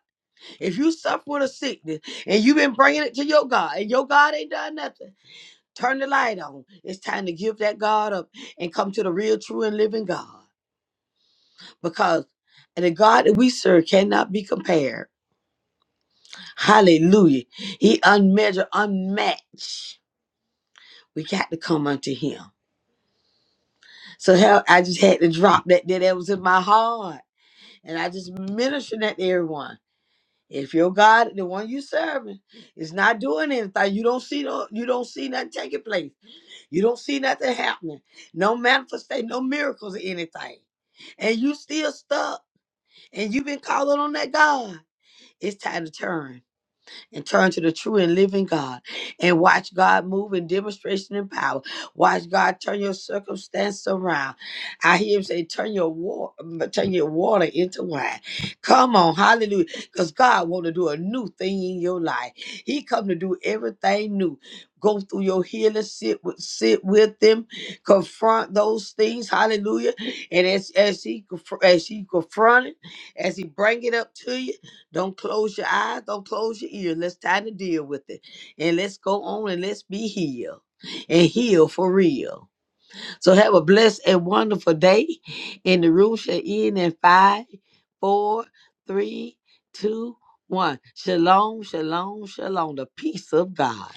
Speaker 1: If you suffer with a sickness and you've been bringing it to your God, and your God ain't done nothing, turn the light on. It's time to give that God up and come to the real, true, and living God, because the God that we serve cannot be compared. Hallelujah. He unmeasured, unmatched. We got to come unto Him. So hell, I just had to drop that. That that was in my heart. And I just minister that to everyone. If your God, the one you serving, is not doing anything, you don't see no, you don't see nothing taking place. You don't see nothing happening. No manifestation, no miracles or anything. And you still stuck and you've been calling on that God. It's time to turn and turn to the true and living God and watch God move in demonstration and power. Watch God turn your circumstance around. I hear him say, turn your water, turn your water into wine. Come on, hallelujah. Because God want to do a new thing in your life. He come to do everything new. Go through your healing, sit with sit with them, confront those things, hallelujah. And as as he confr- as he confront it, as he bring it up to you. Don't close your eyes. Don't close your ears. Let's try to deal with it. And let's go on and let's be healed and heal for real. So have a blessed and wonderful day. And the room shall end in five, four, three, two, one. Shalom, shalom, shalom. The peace of God.